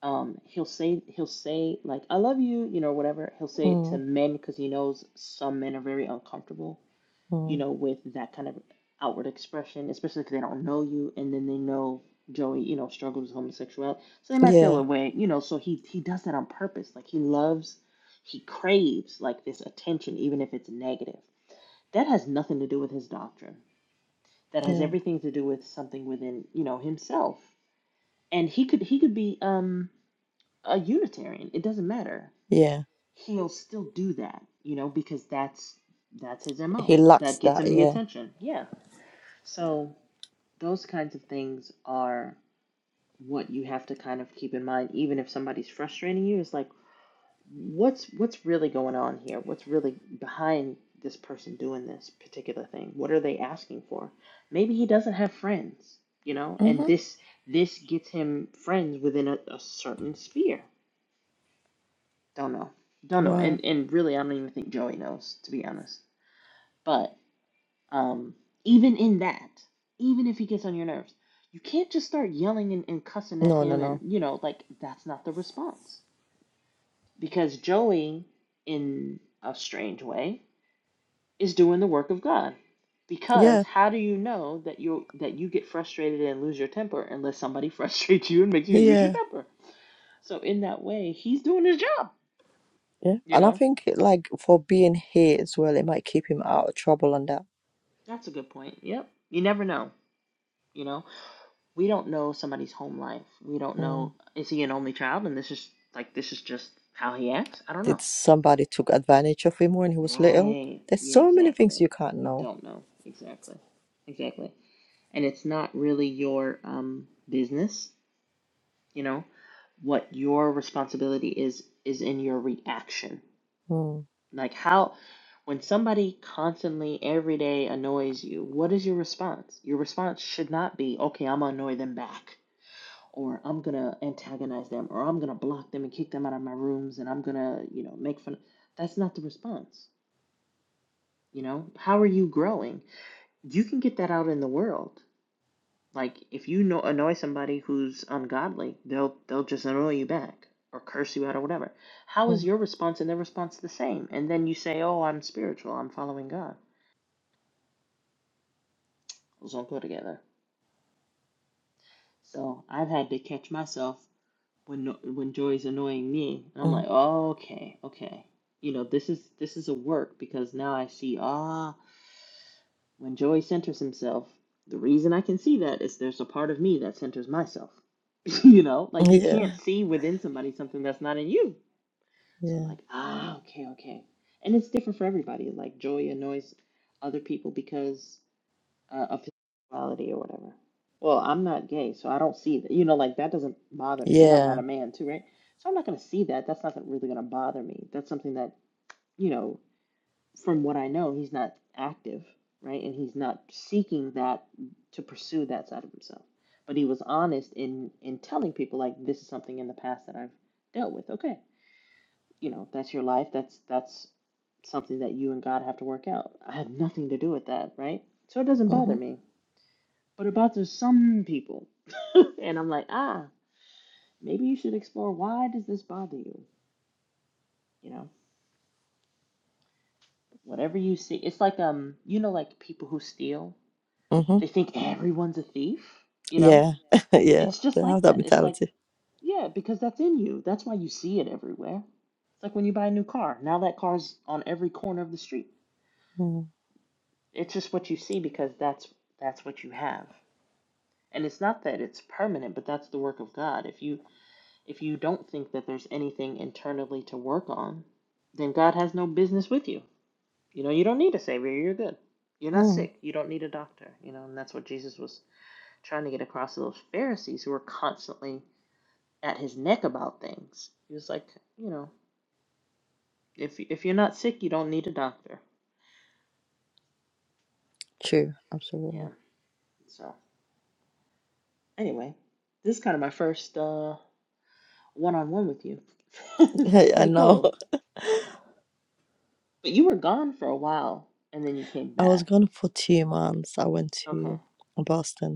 [SPEAKER 5] Um, he'll say he'll say like, I love you, you know, whatever. He'll say it to
[SPEAKER 1] Mm.
[SPEAKER 5] men because he knows some men are very uncomfortable, you
[SPEAKER 1] Mm.
[SPEAKER 5] know, with that kind of outward expression, especially because they don't know you, and then they know Joey, you know, struggles with homosexuality, so they might feel
[SPEAKER 1] Yeah,
[SPEAKER 5] a way, you know. So he he does that on purpose. Like he loves, he craves like this attention, even if it's negative. That has nothing to do with his doctrine. That has
[SPEAKER 1] yeah,
[SPEAKER 5] everything to do with something within, you know, himself and he could he could be um a unitarian it doesn't matter
[SPEAKER 1] yeah.
[SPEAKER 5] he'll still do that you know because that's that's his mo
[SPEAKER 1] He lacks
[SPEAKER 5] that gets
[SPEAKER 1] that.
[SPEAKER 5] him the
[SPEAKER 1] Yeah.
[SPEAKER 5] attention yeah so those kinds of things are what you have to kind of keep in mind even if somebody's frustrating you it's like what's what's really going on here what's really behind this person doing this particular thing what are they asking for maybe he doesn't have friends you know
[SPEAKER 1] Mm-hmm.
[SPEAKER 5] and this this gets him friends within a, a certain sphere Don't know. Don't know. And
[SPEAKER 1] Right.
[SPEAKER 5] and really I don't even think Joey knows, to be honest. But um even in that, even if he gets on your nerves, you can't just start yelling and, and cussing at
[SPEAKER 1] No, no,
[SPEAKER 5] him and
[SPEAKER 1] no.
[SPEAKER 5] you know, like that's not the response. Because Joey, in a strange way, is doing the work of God. Because
[SPEAKER 1] Yeah,
[SPEAKER 5] how do you know that you that you get frustrated and lose your temper unless somebody frustrates you and makes you lose your
[SPEAKER 1] yeah.
[SPEAKER 5] temper? So in that way, he's doing his job,
[SPEAKER 1] Yeah.
[SPEAKER 5] you
[SPEAKER 1] And I
[SPEAKER 5] know?
[SPEAKER 1] think it, like for being here as well, it might keep him out of trouble and that.
[SPEAKER 5] That's a good point. Yep. You never know. You know, we don't know somebody's home life. We don't
[SPEAKER 1] Mm.
[SPEAKER 5] know is he an only child and this is like this is just how he acts? I don't know.
[SPEAKER 1] Did somebody took advantage of him when he was little?
[SPEAKER 5] Right.
[SPEAKER 1] There's
[SPEAKER 5] Yeah,
[SPEAKER 1] so many things
[SPEAKER 5] exactly.
[SPEAKER 1] you can't
[SPEAKER 5] You
[SPEAKER 1] know.
[SPEAKER 5] don't know. Exactly. Exactly. And it's not really your um business, you know. What your responsibility is is in your reaction.
[SPEAKER 1] Mm.
[SPEAKER 5] Like how when somebody constantly every day annoys you, what is your response? Your response should not be, "Okay, I'm gonna annoy them back." or I'm gonna antagonize them, or I'm gonna block them and kick them out of my rooms, and I'm gonna, you know, make fun. That's not the response. You know, how are you growing? You can get that out in the world. Like if you know, annoy somebody who's ungodly, they'll they'll just annoy you back or curse you out or whatever. How is
[SPEAKER 1] Mm.
[SPEAKER 5] your response and their response the same? And then you say, "Oh, I'm spiritual. I'm following God." Those don't go together. So I've had to catch myself when no- when Joy's annoying me, and I'm
[SPEAKER 1] Mm.
[SPEAKER 5] like, oh, okay, okay, you know, this is this is a work because now I see ah, when Joy centers himself, the reason I can see that is there's a part of me that centers myself, you know, like you
[SPEAKER 1] Yeah.
[SPEAKER 5] can't see within somebody something that's not in you. So I'm
[SPEAKER 1] Yeah.
[SPEAKER 5] like, ah, okay, okay, and it's different for everybody. Like Joy annoys other people because uh, of sexuality or whatever. Well, I'm not gay, so I don't see that. You know, like that doesn't bother me, and I'm
[SPEAKER 1] Yeah.
[SPEAKER 5] not a man too, right? So I'm not going to see that. That's not gonna- really going to bother me. That's something that, you know, from what I know, he's not active, right? And he's not seeking that to pursue that side of himself. But he was honest in in telling people like this is something in the past that I've dealt with. Okay, you know, that's your life. That's that's something that you and God have to work out. I have nothing to do with that, right? So it doesn't bother
[SPEAKER 1] Mm-hmm.
[SPEAKER 5] me but about to some people. And I'm like, ah, maybe you should explore why does this bother you? You know, whatever you see, it's like um, you know, like people who steal,
[SPEAKER 1] Mm-hmm.
[SPEAKER 5] they think everyone's a thief. You know,
[SPEAKER 1] Yeah. yeah.
[SPEAKER 5] it's just
[SPEAKER 1] They have
[SPEAKER 5] like
[SPEAKER 1] that
[SPEAKER 5] that. It's like
[SPEAKER 1] mentality.
[SPEAKER 5] yeah, because that's in you. That's why you see it everywhere. It's like when you buy a new car. Now that car's on every corner of the street.
[SPEAKER 1] Mm.
[SPEAKER 5] It's just what you see because that's that's what you have. And it's not that it's permanent, but that's the work of God. If you If you don't think that there's anything internally to work on, then God has no business with you. You know, you don't need a savior. You're good. You're not
[SPEAKER 1] Mm.
[SPEAKER 5] sick. You don't need a doctor. You know, and that's what Jesus was trying to get across to those Pharisees who were constantly at his neck about things. He was like, you know, if if you're not sick, you don't need a doctor.
[SPEAKER 1] True.
[SPEAKER 5] Yeah.
[SPEAKER 1] Absolutely.
[SPEAKER 5] So anyway, this is kind of my first uh, one-on-one with you. it's
[SPEAKER 1] I
[SPEAKER 5] pretty
[SPEAKER 1] know.
[SPEAKER 5] cool. But you were gone for a while, and then you came
[SPEAKER 1] I was
[SPEAKER 5] back.
[SPEAKER 1] gone for two months. I went to
[SPEAKER 5] Okay.
[SPEAKER 1] Boston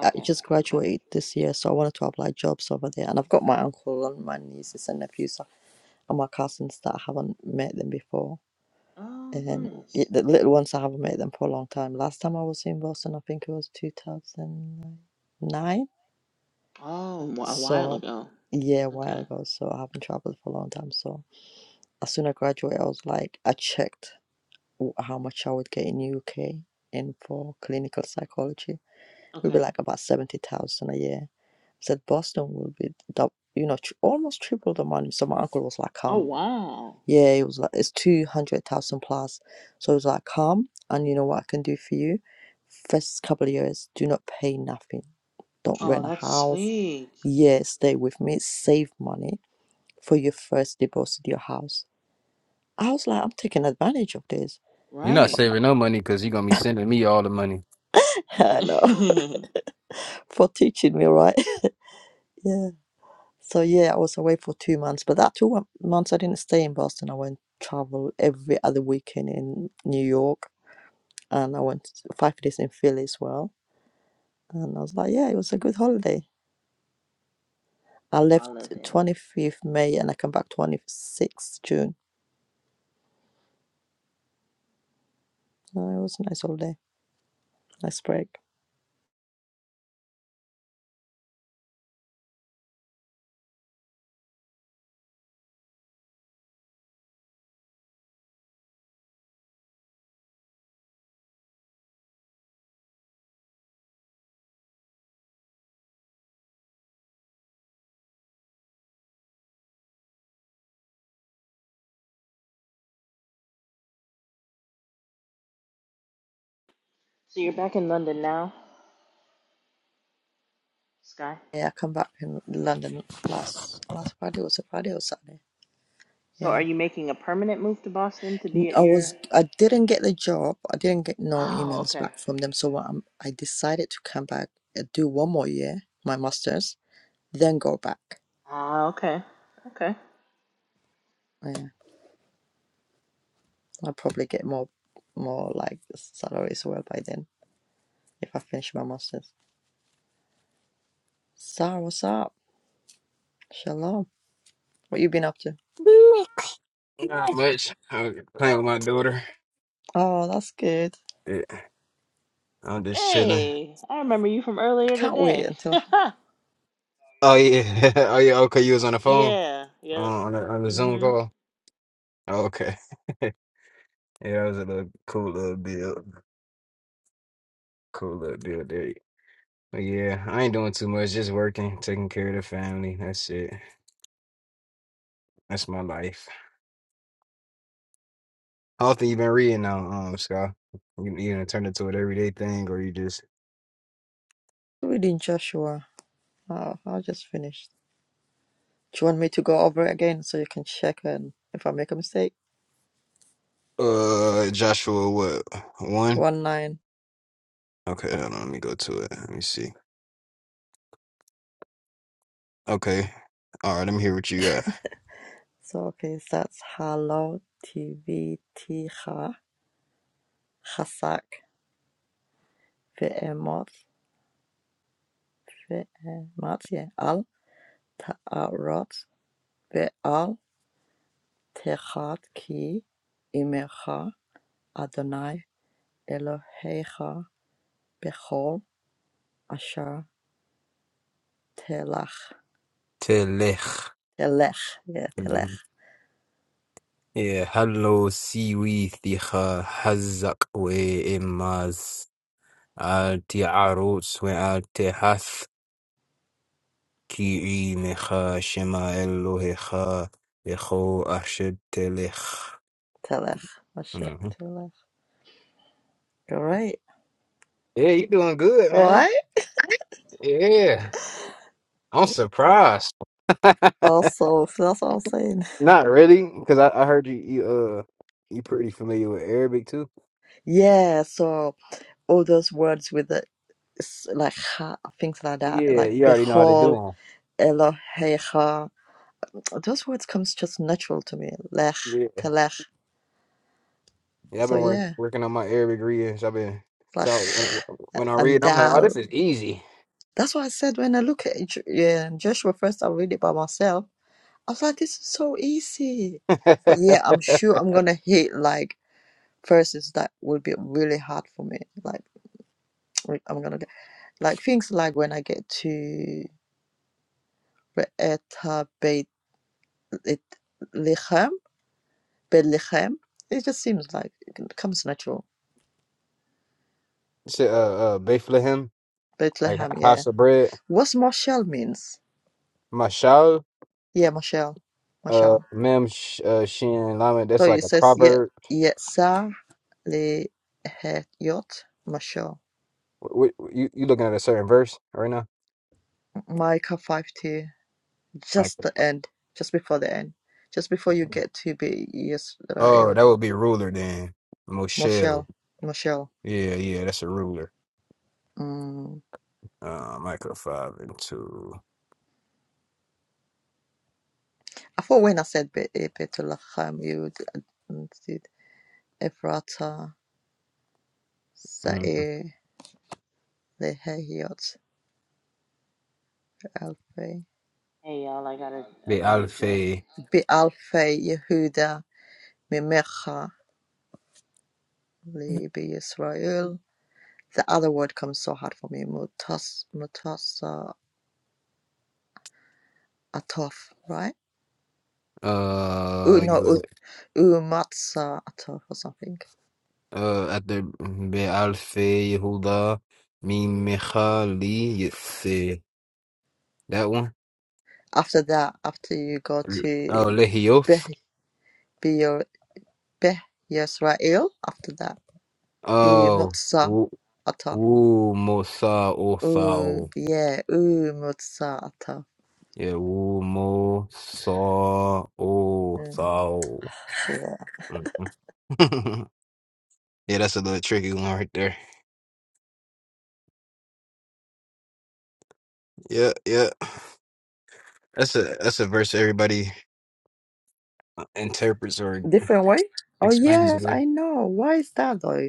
[SPEAKER 1] I just
[SPEAKER 5] Okay.
[SPEAKER 1] graduated this year, so I wanted to apply jobs over there. And I've got my uncle and my nieces and nephews so, and my cousins that I haven't met them before.
[SPEAKER 5] Oh,
[SPEAKER 1] And
[SPEAKER 5] nice.
[SPEAKER 1] it- the little ones, I haven't met them for a long time. Last time I was in Boston, I think it was 2009.
[SPEAKER 5] Oh, wh- a while
[SPEAKER 1] So,
[SPEAKER 5] ago.
[SPEAKER 1] yeah, a while
[SPEAKER 5] Okay.
[SPEAKER 1] ago. So, I haven't traveled for a long time. So, as soon as I graduated, I was like, I checked w- how much I would get in UK in for clinical psychology will be
[SPEAKER 5] Okay.
[SPEAKER 1] like about 70,000 a year. I said Boston will be double, you know, tr- almost triple the money. So my uncle was like,
[SPEAKER 5] Oh,
[SPEAKER 1] come.
[SPEAKER 5] wow.
[SPEAKER 1] Yeah, it was like, it's 200,000 plus. So it was like, come and you know what I can do for you? First couple of years, do not pay nothing. Don't
[SPEAKER 5] Oh,
[SPEAKER 1] rent a
[SPEAKER 5] that's
[SPEAKER 1] house.
[SPEAKER 5] sweet.
[SPEAKER 1] Yeah, stay with me. Save money for your first deposit, your house. I was like, I'm taking advantage of this.
[SPEAKER 4] You're not
[SPEAKER 5] Right.
[SPEAKER 4] saving no money because you're gonna be sending me all the money.
[SPEAKER 1] I know,
[SPEAKER 5] Holiday.
[SPEAKER 1] for teaching me, right? Yeah. So yeah, I was away for two months, but that two mon- months I didn't stay in Boston. I went travel every other weekend in New York, and I went five days in Philly as well. And I was like, yeah, it was a good holiday. I left 25th May and I come back 26th June. Uh, it was a nice holiday, nice break.
[SPEAKER 5] So you're back in London now, Sky?
[SPEAKER 1] Yeah, I come back in London last last Friday was a Friday or Saturday.
[SPEAKER 5] So are
[SPEAKER 1] Yeah.
[SPEAKER 5] you making a permanent move to Boston to
[SPEAKER 1] I
[SPEAKER 5] be at your.
[SPEAKER 1] was I didn't get the job. I didn't get no
[SPEAKER 5] Oh,
[SPEAKER 1] emails
[SPEAKER 5] okay.
[SPEAKER 1] back from them. So i I decided to come back and do one more year, my master's, then go back.
[SPEAKER 5] Ah, okay. Okay.
[SPEAKER 1] Yeah, I'll probably get more more like salary as well by then if I finish my master's. Sarah, what's up? Shalom. What you been up to?
[SPEAKER 4] Not much. I'm playing with my daughter.
[SPEAKER 1] Oh, that's good.
[SPEAKER 4] Yeah, I'm just chilling.
[SPEAKER 5] Hey, I remember you from
[SPEAKER 1] I
[SPEAKER 5] earlier
[SPEAKER 1] can't wait
[SPEAKER 5] today.
[SPEAKER 1] until
[SPEAKER 4] Oh yeah. Oh yeah. Okay, you was on the phone
[SPEAKER 5] yeah,
[SPEAKER 4] uh,
[SPEAKER 5] yep.
[SPEAKER 4] on the, on the Zoom
[SPEAKER 5] Mhm.
[SPEAKER 4] call. Oh, okay. yeah, it was a little cool little deal. Cool little deal there. But yeah, I ain't doing too much. Just working, taking care of the family. That's it. That's my life. How often you been reading now, um, Scott? You you gonna turn it to an everyday thing, or you just
[SPEAKER 1] I really in Joshua. Oh, I just finished. Do you want me to go over it again so you can check and if I make a mistake?
[SPEAKER 4] uh Joshua what one?
[SPEAKER 1] 1-9
[SPEAKER 4] Okay, hold on. Let me go to it. Let me see. Okay. All right, let me hear what you got.
[SPEAKER 1] Zogezat halotibitija chazak ve'emot ve'ematye al ta'arot ve'al techad ki imecha Adonai Elohecha bechol asher telach
[SPEAKER 4] تلخ
[SPEAKER 1] telech yeah telech
[SPEAKER 4] يا هلو سيوي ثيخا حزق وإماز آلتي عروس وآلتي حث كيعي مخا شما إلو هخا إخو أشد تلخ
[SPEAKER 1] telech asher
[SPEAKER 4] Mhm.
[SPEAKER 1] telech great
[SPEAKER 4] Yeah, you doing good, man.
[SPEAKER 1] right
[SPEAKER 4] Yeah, I'm surprised.
[SPEAKER 1] also that's what I'm saying
[SPEAKER 4] Not really, because I, I heard you you uh you pretty familiar with Arabic too.
[SPEAKER 1] yeah so all those words with the s- like ha, things like that,
[SPEAKER 4] Yeah,
[SPEAKER 1] like
[SPEAKER 4] you already know how to do
[SPEAKER 1] Behol,
[SPEAKER 4] 'em.
[SPEAKER 1] Elohecha. Those words comes just natural to me. Lech, Telech.
[SPEAKER 4] Yeah, I've
[SPEAKER 1] So
[SPEAKER 4] been work,
[SPEAKER 1] yeah,
[SPEAKER 4] working on my Arabic reading. So I've been
[SPEAKER 1] like
[SPEAKER 4] so when, when I
[SPEAKER 1] and
[SPEAKER 4] read, I'm like, oh, this
[SPEAKER 1] Dal.
[SPEAKER 4] is easy.
[SPEAKER 1] That's what I said when I look at Ju- yeah, Joshua first. I read it by myself. I was like, this is so easy. But yeah, I'm sure I'm gonna hit like verses that will be really hard for me. Like I'm gonna get like things like when I get to Be'eta Beit Bethlehem. It just seems like it comes natural.
[SPEAKER 4] Shit, uh, uh, Bethlehem, like
[SPEAKER 1] Bethlehem, yeah.
[SPEAKER 4] house of bread,
[SPEAKER 1] What's Marshall means?
[SPEAKER 4] Mashal,
[SPEAKER 1] Yeah, Marshall.
[SPEAKER 4] uh,
[SPEAKER 1] Marshall.
[SPEAKER 4] Mem, Sh- uh, Shin, Lamed.
[SPEAKER 1] So
[SPEAKER 4] That's like
[SPEAKER 1] it
[SPEAKER 4] a
[SPEAKER 1] says, yeah,
[SPEAKER 4] proverb.
[SPEAKER 1] Yetsa le het yot Marshall.
[SPEAKER 4] Wh- wh- you you looking at a certain verse right now?
[SPEAKER 1] Micah 5.2.
[SPEAKER 4] Like,
[SPEAKER 1] Just the end. Just before the end. Just before you get to be
[SPEAKER 4] oh,
[SPEAKER 1] Israel.
[SPEAKER 4] that would be ruler then. Moshel.
[SPEAKER 1] Marshall. Marshall.
[SPEAKER 4] Yeah, yeah, that's a ruler.
[SPEAKER 1] Mm.
[SPEAKER 4] Uh, Micro five and two.
[SPEAKER 1] I thought when I said Be- eh, Bethlehem, you would uh, did Ephrata,
[SPEAKER 4] Mm-hmm.
[SPEAKER 1] Sa'ir, Lehehiot. Alfei.
[SPEAKER 5] Hey y'all, I got a I
[SPEAKER 4] The
[SPEAKER 5] got a jet.
[SPEAKER 4] Alfe.
[SPEAKER 1] Be'alfei Yehuda mimecha li Yisrael. The other word comes so hard for me. Mutas mutasa atof, right? U no
[SPEAKER 4] Uh,
[SPEAKER 1] ut umatsa atof or something.
[SPEAKER 4] أدب بألف هدى من مخاليث that one.
[SPEAKER 1] After that, after you go
[SPEAKER 4] Oh,
[SPEAKER 1] to Beh
[SPEAKER 4] lehios.
[SPEAKER 1] Be'er- Beh Yisrael, after that
[SPEAKER 4] oh
[SPEAKER 1] umutsa
[SPEAKER 4] w-
[SPEAKER 1] atof.
[SPEAKER 4] Umo sa o
[SPEAKER 1] U yeah umutsa atof.
[SPEAKER 4] yeah Umo sa o
[SPEAKER 1] Mm, yeah,
[SPEAKER 4] Mhm. yeah that's a little tricky one right there yeah yeah that's a that's a verse everybody uh, interprets or
[SPEAKER 1] different way. Oh
[SPEAKER 4] explains
[SPEAKER 1] yes,
[SPEAKER 4] it
[SPEAKER 1] I know. Why is that though?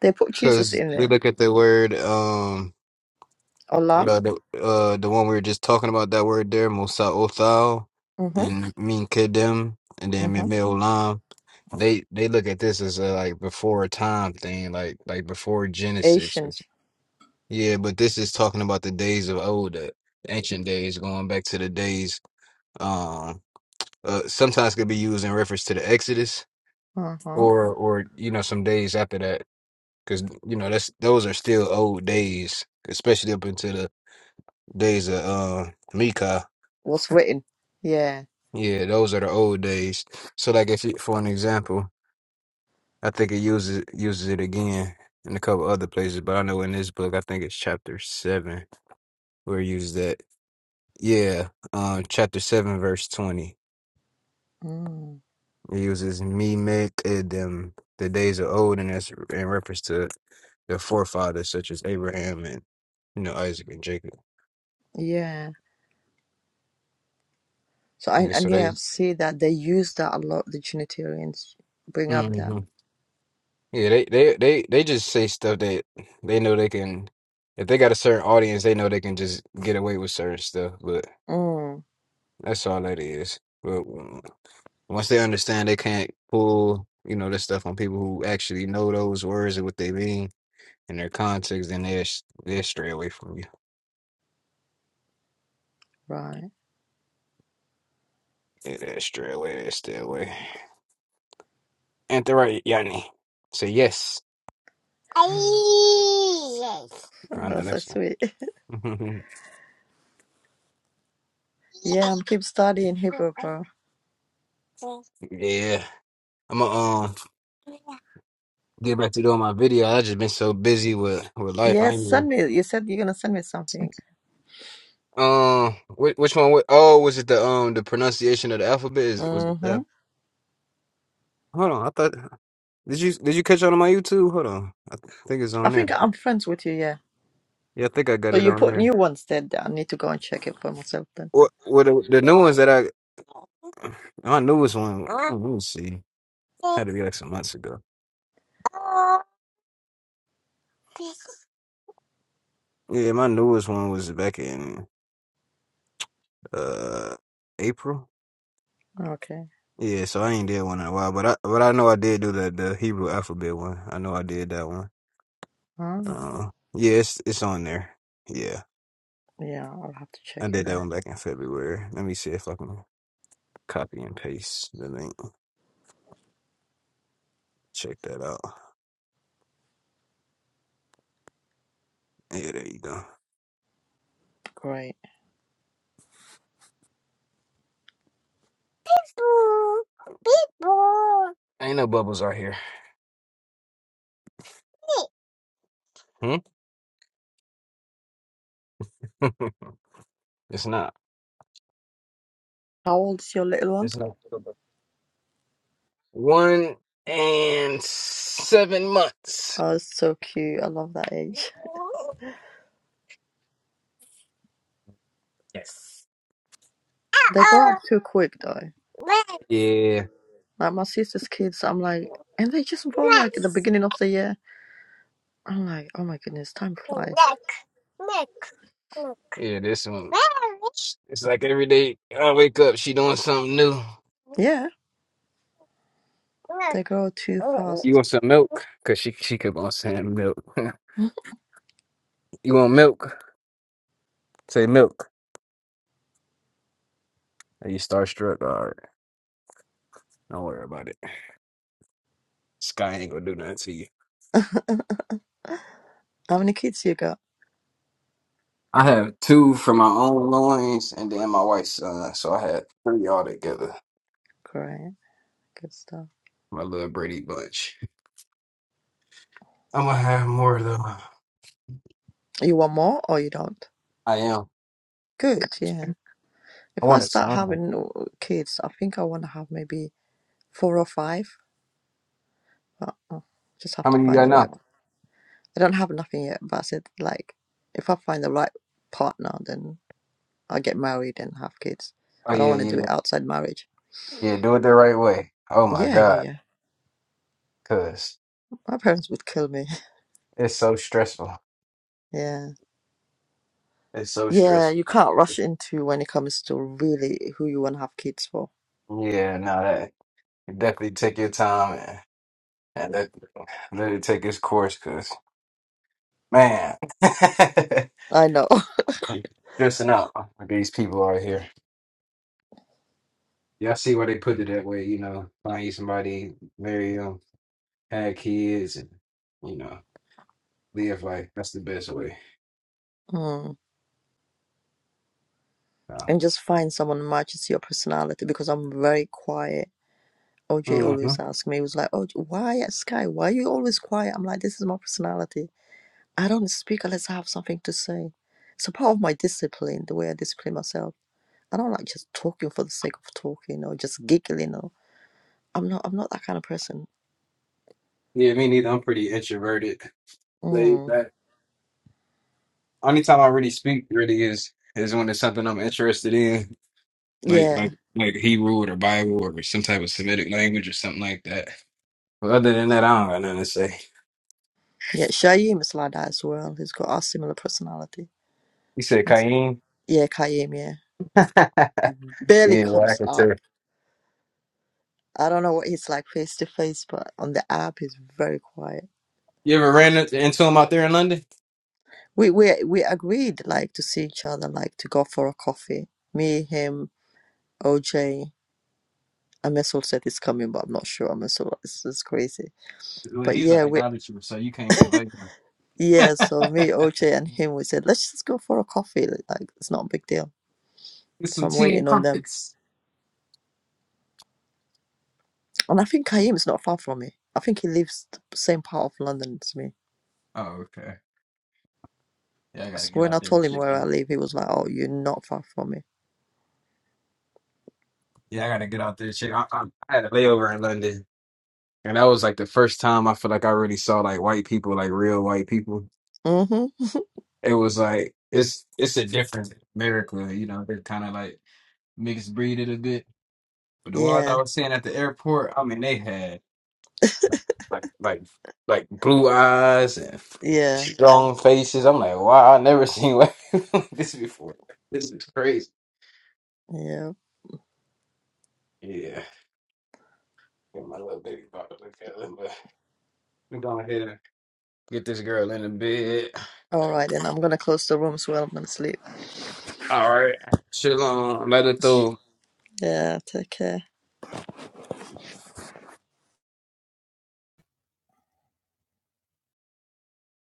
[SPEAKER 1] They put Jesus
[SPEAKER 4] because
[SPEAKER 1] in
[SPEAKER 4] we
[SPEAKER 1] there.
[SPEAKER 4] look at the word um Like,
[SPEAKER 1] Olam,
[SPEAKER 4] Uh, the uh, the one we were just talking about that word there, Musa Othal
[SPEAKER 1] Mhm.
[SPEAKER 4] and Min Kedem, and then Meme
[SPEAKER 1] Mhm.
[SPEAKER 4] Olam. They they look at this as a like before a time thing, like like before Genesis.
[SPEAKER 1] ancient,
[SPEAKER 4] Yeah, but this is talking about the days of old, the ancient days, going back to the days. Um, uh, sometimes could be used in reference to the Exodus,
[SPEAKER 1] Mhm.
[SPEAKER 4] or or you know some days after that, because you know that's those are still old days, especially up into the days of uh, Mika.
[SPEAKER 1] was written. Yeah,
[SPEAKER 4] Yeah, those are the old days. So, like, if you, for an example, I think it uses uses it again in a couple other places, but I know in this book, I think it's chapter seven where it uses that. Yeah, um, chapter seven, verse twenty.
[SPEAKER 1] Mm.
[SPEAKER 4] It uses me make it them the days of old, and that's in reference to their forefathers such as Abraham and you know Isaac and Jacob.
[SPEAKER 1] yeah. So I
[SPEAKER 4] Yeah, so
[SPEAKER 1] and yeah, I
[SPEAKER 4] they.
[SPEAKER 1] see that they use that a lot. The Trinitarians bring up
[SPEAKER 4] mm-hmm.
[SPEAKER 1] that.
[SPEAKER 4] Yeah, they they they they just say stuff that they know they can. If they got a certain audience, they know they can just get away with certain stuff. But
[SPEAKER 1] Mm.
[SPEAKER 4] that's all that is. But w- once they understand, they can't pull you know this stuff on people who actually know those words and what they mean and their context. Then they are they are stray away from you.
[SPEAKER 1] Right.
[SPEAKER 4] Yeah, they stray away. They stay away. Ain't that right, Yanni? Say yes.
[SPEAKER 1] Mm.
[SPEAKER 4] I
[SPEAKER 1] Oh,
[SPEAKER 4] know
[SPEAKER 1] that's so
[SPEAKER 4] that's.
[SPEAKER 1] sweet. Yeah, I'm keep studying Hebrew, bro.
[SPEAKER 4] yeah, I'm a um. get back to doing my video. I just been so busy with with life.
[SPEAKER 1] Yeah,
[SPEAKER 4] I ain't
[SPEAKER 1] send
[SPEAKER 4] even.
[SPEAKER 1] me. You said you're gonna send me something.
[SPEAKER 4] Um, which, which one? wa- Oh, was it the um the pronunciation of the alphabet? Is was it that?
[SPEAKER 1] Mhm.
[SPEAKER 4] Hold on, I thought did you did you catch on to my YouTube? Hold on, I th- think it's
[SPEAKER 1] I
[SPEAKER 4] on there.
[SPEAKER 1] think I'm friends with you. Yeah.
[SPEAKER 4] Yeah, I think I got
[SPEAKER 1] So
[SPEAKER 4] it
[SPEAKER 1] you
[SPEAKER 4] on
[SPEAKER 1] put
[SPEAKER 4] there.
[SPEAKER 1] new ones there. that I need to go and check it for myself then.
[SPEAKER 4] What what the, the new ones that I my newest one? Let me see. Had to be like some months ago. Yeah, my newest one was back in uh April.
[SPEAKER 1] Okay.
[SPEAKER 4] Yeah, so I ain't did one in a while, but I but I know I did do the the Hebrew alphabet one. I know I did that one.
[SPEAKER 1] Ah.
[SPEAKER 4] Uh, yeah, it's it's on there. Yeah,
[SPEAKER 1] Yeah, I'll have to check
[SPEAKER 4] I
[SPEAKER 1] it
[SPEAKER 4] did that
[SPEAKER 1] then.
[SPEAKER 4] one back in February. Let me see if I can copy and paste the link. Check that out. Yeah, there you go.
[SPEAKER 1] Great.
[SPEAKER 4] Ain't no bubbles out here. Hmm? it's not.
[SPEAKER 1] How old is your little one?
[SPEAKER 4] It's not. One and seven months.
[SPEAKER 1] Oh, it's so cute. I love that age.
[SPEAKER 4] Yes.
[SPEAKER 1] They grow up too quick though.
[SPEAKER 4] Yeah.
[SPEAKER 1] Like my sister's kids, I'm like, and they just born like at the
[SPEAKER 4] Next.
[SPEAKER 1] beginning of the year. I'm like, oh my goodness, time
[SPEAKER 4] Neck.
[SPEAKER 1] flies.
[SPEAKER 4] Neck. Neck. Yeah, this one. It's like every day I wake up, she doing something new.
[SPEAKER 1] Yeah, they grow too
[SPEAKER 4] You
[SPEAKER 1] fast.
[SPEAKER 4] want some milk? Cause she she kept on saying milk. you want milk? Say milk. Are you starstruck? All right, don't worry about it. Sky ain't gonna do nothing to you.
[SPEAKER 1] How many kids you got?
[SPEAKER 4] I have two from my own loins, and then my wife's son. So I had three all together.
[SPEAKER 1] Great, good stuff.
[SPEAKER 4] My little Brady bunch. I'm gonna have more though.
[SPEAKER 1] You want more or you don't?
[SPEAKER 4] I am.
[SPEAKER 1] Good, yeah.
[SPEAKER 4] I
[SPEAKER 1] If I
[SPEAKER 4] want a
[SPEAKER 1] start
[SPEAKER 4] son.
[SPEAKER 1] having uh, kids, I think I want to have maybe four or five. But just have
[SPEAKER 4] How
[SPEAKER 1] to
[SPEAKER 4] many you
[SPEAKER 1] find
[SPEAKER 4] got
[SPEAKER 1] the
[SPEAKER 4] now?
[SPEAKER 1] right. I don't have nothing yet, but I said like, if I find the right partner, then i get married and have kids.
[SPEAKER 4] Oh
[SPEAKER 1] I don't
[SPEAKER 4] yeah,
[SPEAKER 1] want to
[SPEAKER 4] yeah,
[SPEAKER 1] do it outside marriage.
[SPEAKER 4] yeah. Do it the right way. Oh my
[SPEAKER 1] Yeah, yeah,
[SPEAKER 4] God,
[SPEAKER 1] yeah.
[SPEAKER 4] cause
[SPEAKER 1] My parents would kill me.
[SPEAKER 4] it's so stressful.
[SPEAKER 1] Yeah.
[SPEAKER 4] It's so
[SPEAKER 1] Yeah,
[SPEAKER 4] stressful.
[SPEAKER 1] you can't rush into when it comes to really who you want to have kids for.
[SPEAKER 4] Yeah, no, that you definitely take your time and, and let, let it take its course, cause man,
[SPEAKER 1] I know.
[SPEAKER 4] stressing out with these people out here. Y'all see why they put it that way, you know? Find you somebody, marry them, have kids, and you know, live life. That's the best way.
[SPEAKER 1] Mm.
[SPEAKER 4] Uh,
[SPEAKER 1] And just find someone who matches your personality because I'm very quiet. OJ
[SPEAKER 4] hmm
[SPEAKER 1] always asked me, he was like, Oh, why, uh, Sky, why are you always quiet? I'm like, This is my personality. I don't speak unless I have something to say. It's a part of my discipline, the way I discipline myself. I don't like just talking for the sake of talking or just giggling or." I'm not. I'm not that kind of person.
[SPEAKER 4] Yeah, me neither. I'm pretty introverted, laid
[SPEAKER 1] Mm.
[SPEAKER 4] back. only time I really speak really is is when it's something I'm interested in, like
[SPEAKER 1] Yeah,
[SPEAKER 4] like like Hebrew or the Bible or some type of Semitic language or something like that. But other than that, I don't got nothing to say.
[SPEAKER 1] yeah. Shaim is like that as well. He's got a similar personality.
[SPEAKER 4] You said
[SPEAKER 1] That's-
[SPEAKER 4] Kaim?
[SPEAKER 1] yeah, Kayim. Yeah,
[SPEAKER 4] yeah,
[SPEAKER 1] Mhm. barely
[SPEAKER 4] well, I
[SPEAKER 1] comes
[SPEAKER 4] could tell.
[SPEAKER 1] up. I don't know what he's like face to face, but on the app, he's very quiet.
[SPEAKER 4] You ever ran into into him out there in London?
[SPEAKER 1] We we we agreed like to see each other, like to go for a coffee. Me, him, OJ. Amesul said he's coming, but I'm not sure. Amesul is is crazy.
[SPEAKER 4] Well,
[SPEAKER 1] But
[SPEAKER 4] he's an
[SPEAKER 1] yeah, we
[SPEAKER 4] idolater, so you can't invite him.
[SPEAKER 1] yeah. So me, OJ, and him, we said let's just go for a coffee. Like it's not a big deal
[SPEAKER 4] It's
[SPEAKER 1] So
[SPEAKER 4] some
[SPEAKER 1] I'm
[SPEAKER 4] tea and
[SPEAKER 1] waiting on them.
[SPEAKER 4] crumpets.
[SPEAKER 1] And I think Kaim's not far from me. I think he lives the same part of London as me.
[SPEAKER 4] Oh, okay. Yeah, I gotta
[SPEAKER 1] Because
[SPEAKER 4] get
[SPEAKER 1] when I
[SPEAKER 4] out there and
[SPEAKER 1] told him
[SPEAKER 4] check
[SPEAKER 1] where
[SPEAKER 4] it
[SPEAKER 1] I
[SPEAKER 4] out.
[SPEAKER 1] live, he was like, "Oh, you're not far from me."
[SPEAKER 4] Yeah, I gotta get out there and check. I, I, I had a layover in London, and that was like the first time I feel like I really saw like white people, like real white people
[SPEAKER 1] Mhm.
[SPEAKER 4] it was like it's it's a different America, you know. They're kind of like mixed breed a bit, but the ones I
[SPEAKER 1] Yeah.
[SPEAKER 4] was seeing at the airport, I mean, they had like like like blue eyes and
[SPEAKER 1] Yeah.
[SPEAKER 4] strong faces. I'm like, wow, I never seen like this before. This is crazy.
[SPEAKER 1] Yeah.
[SPEAKER 4] Yeah, Get my little baby about to look at him, but we going ahead and get this girl in the bed.
[SPEAKER 1] All right, then I'm gonna close the room so I'm gonna sleep.
[SPEAKER 4] All right, chill on. Let her through.
[SPEAKER 1] Yeah. Take care.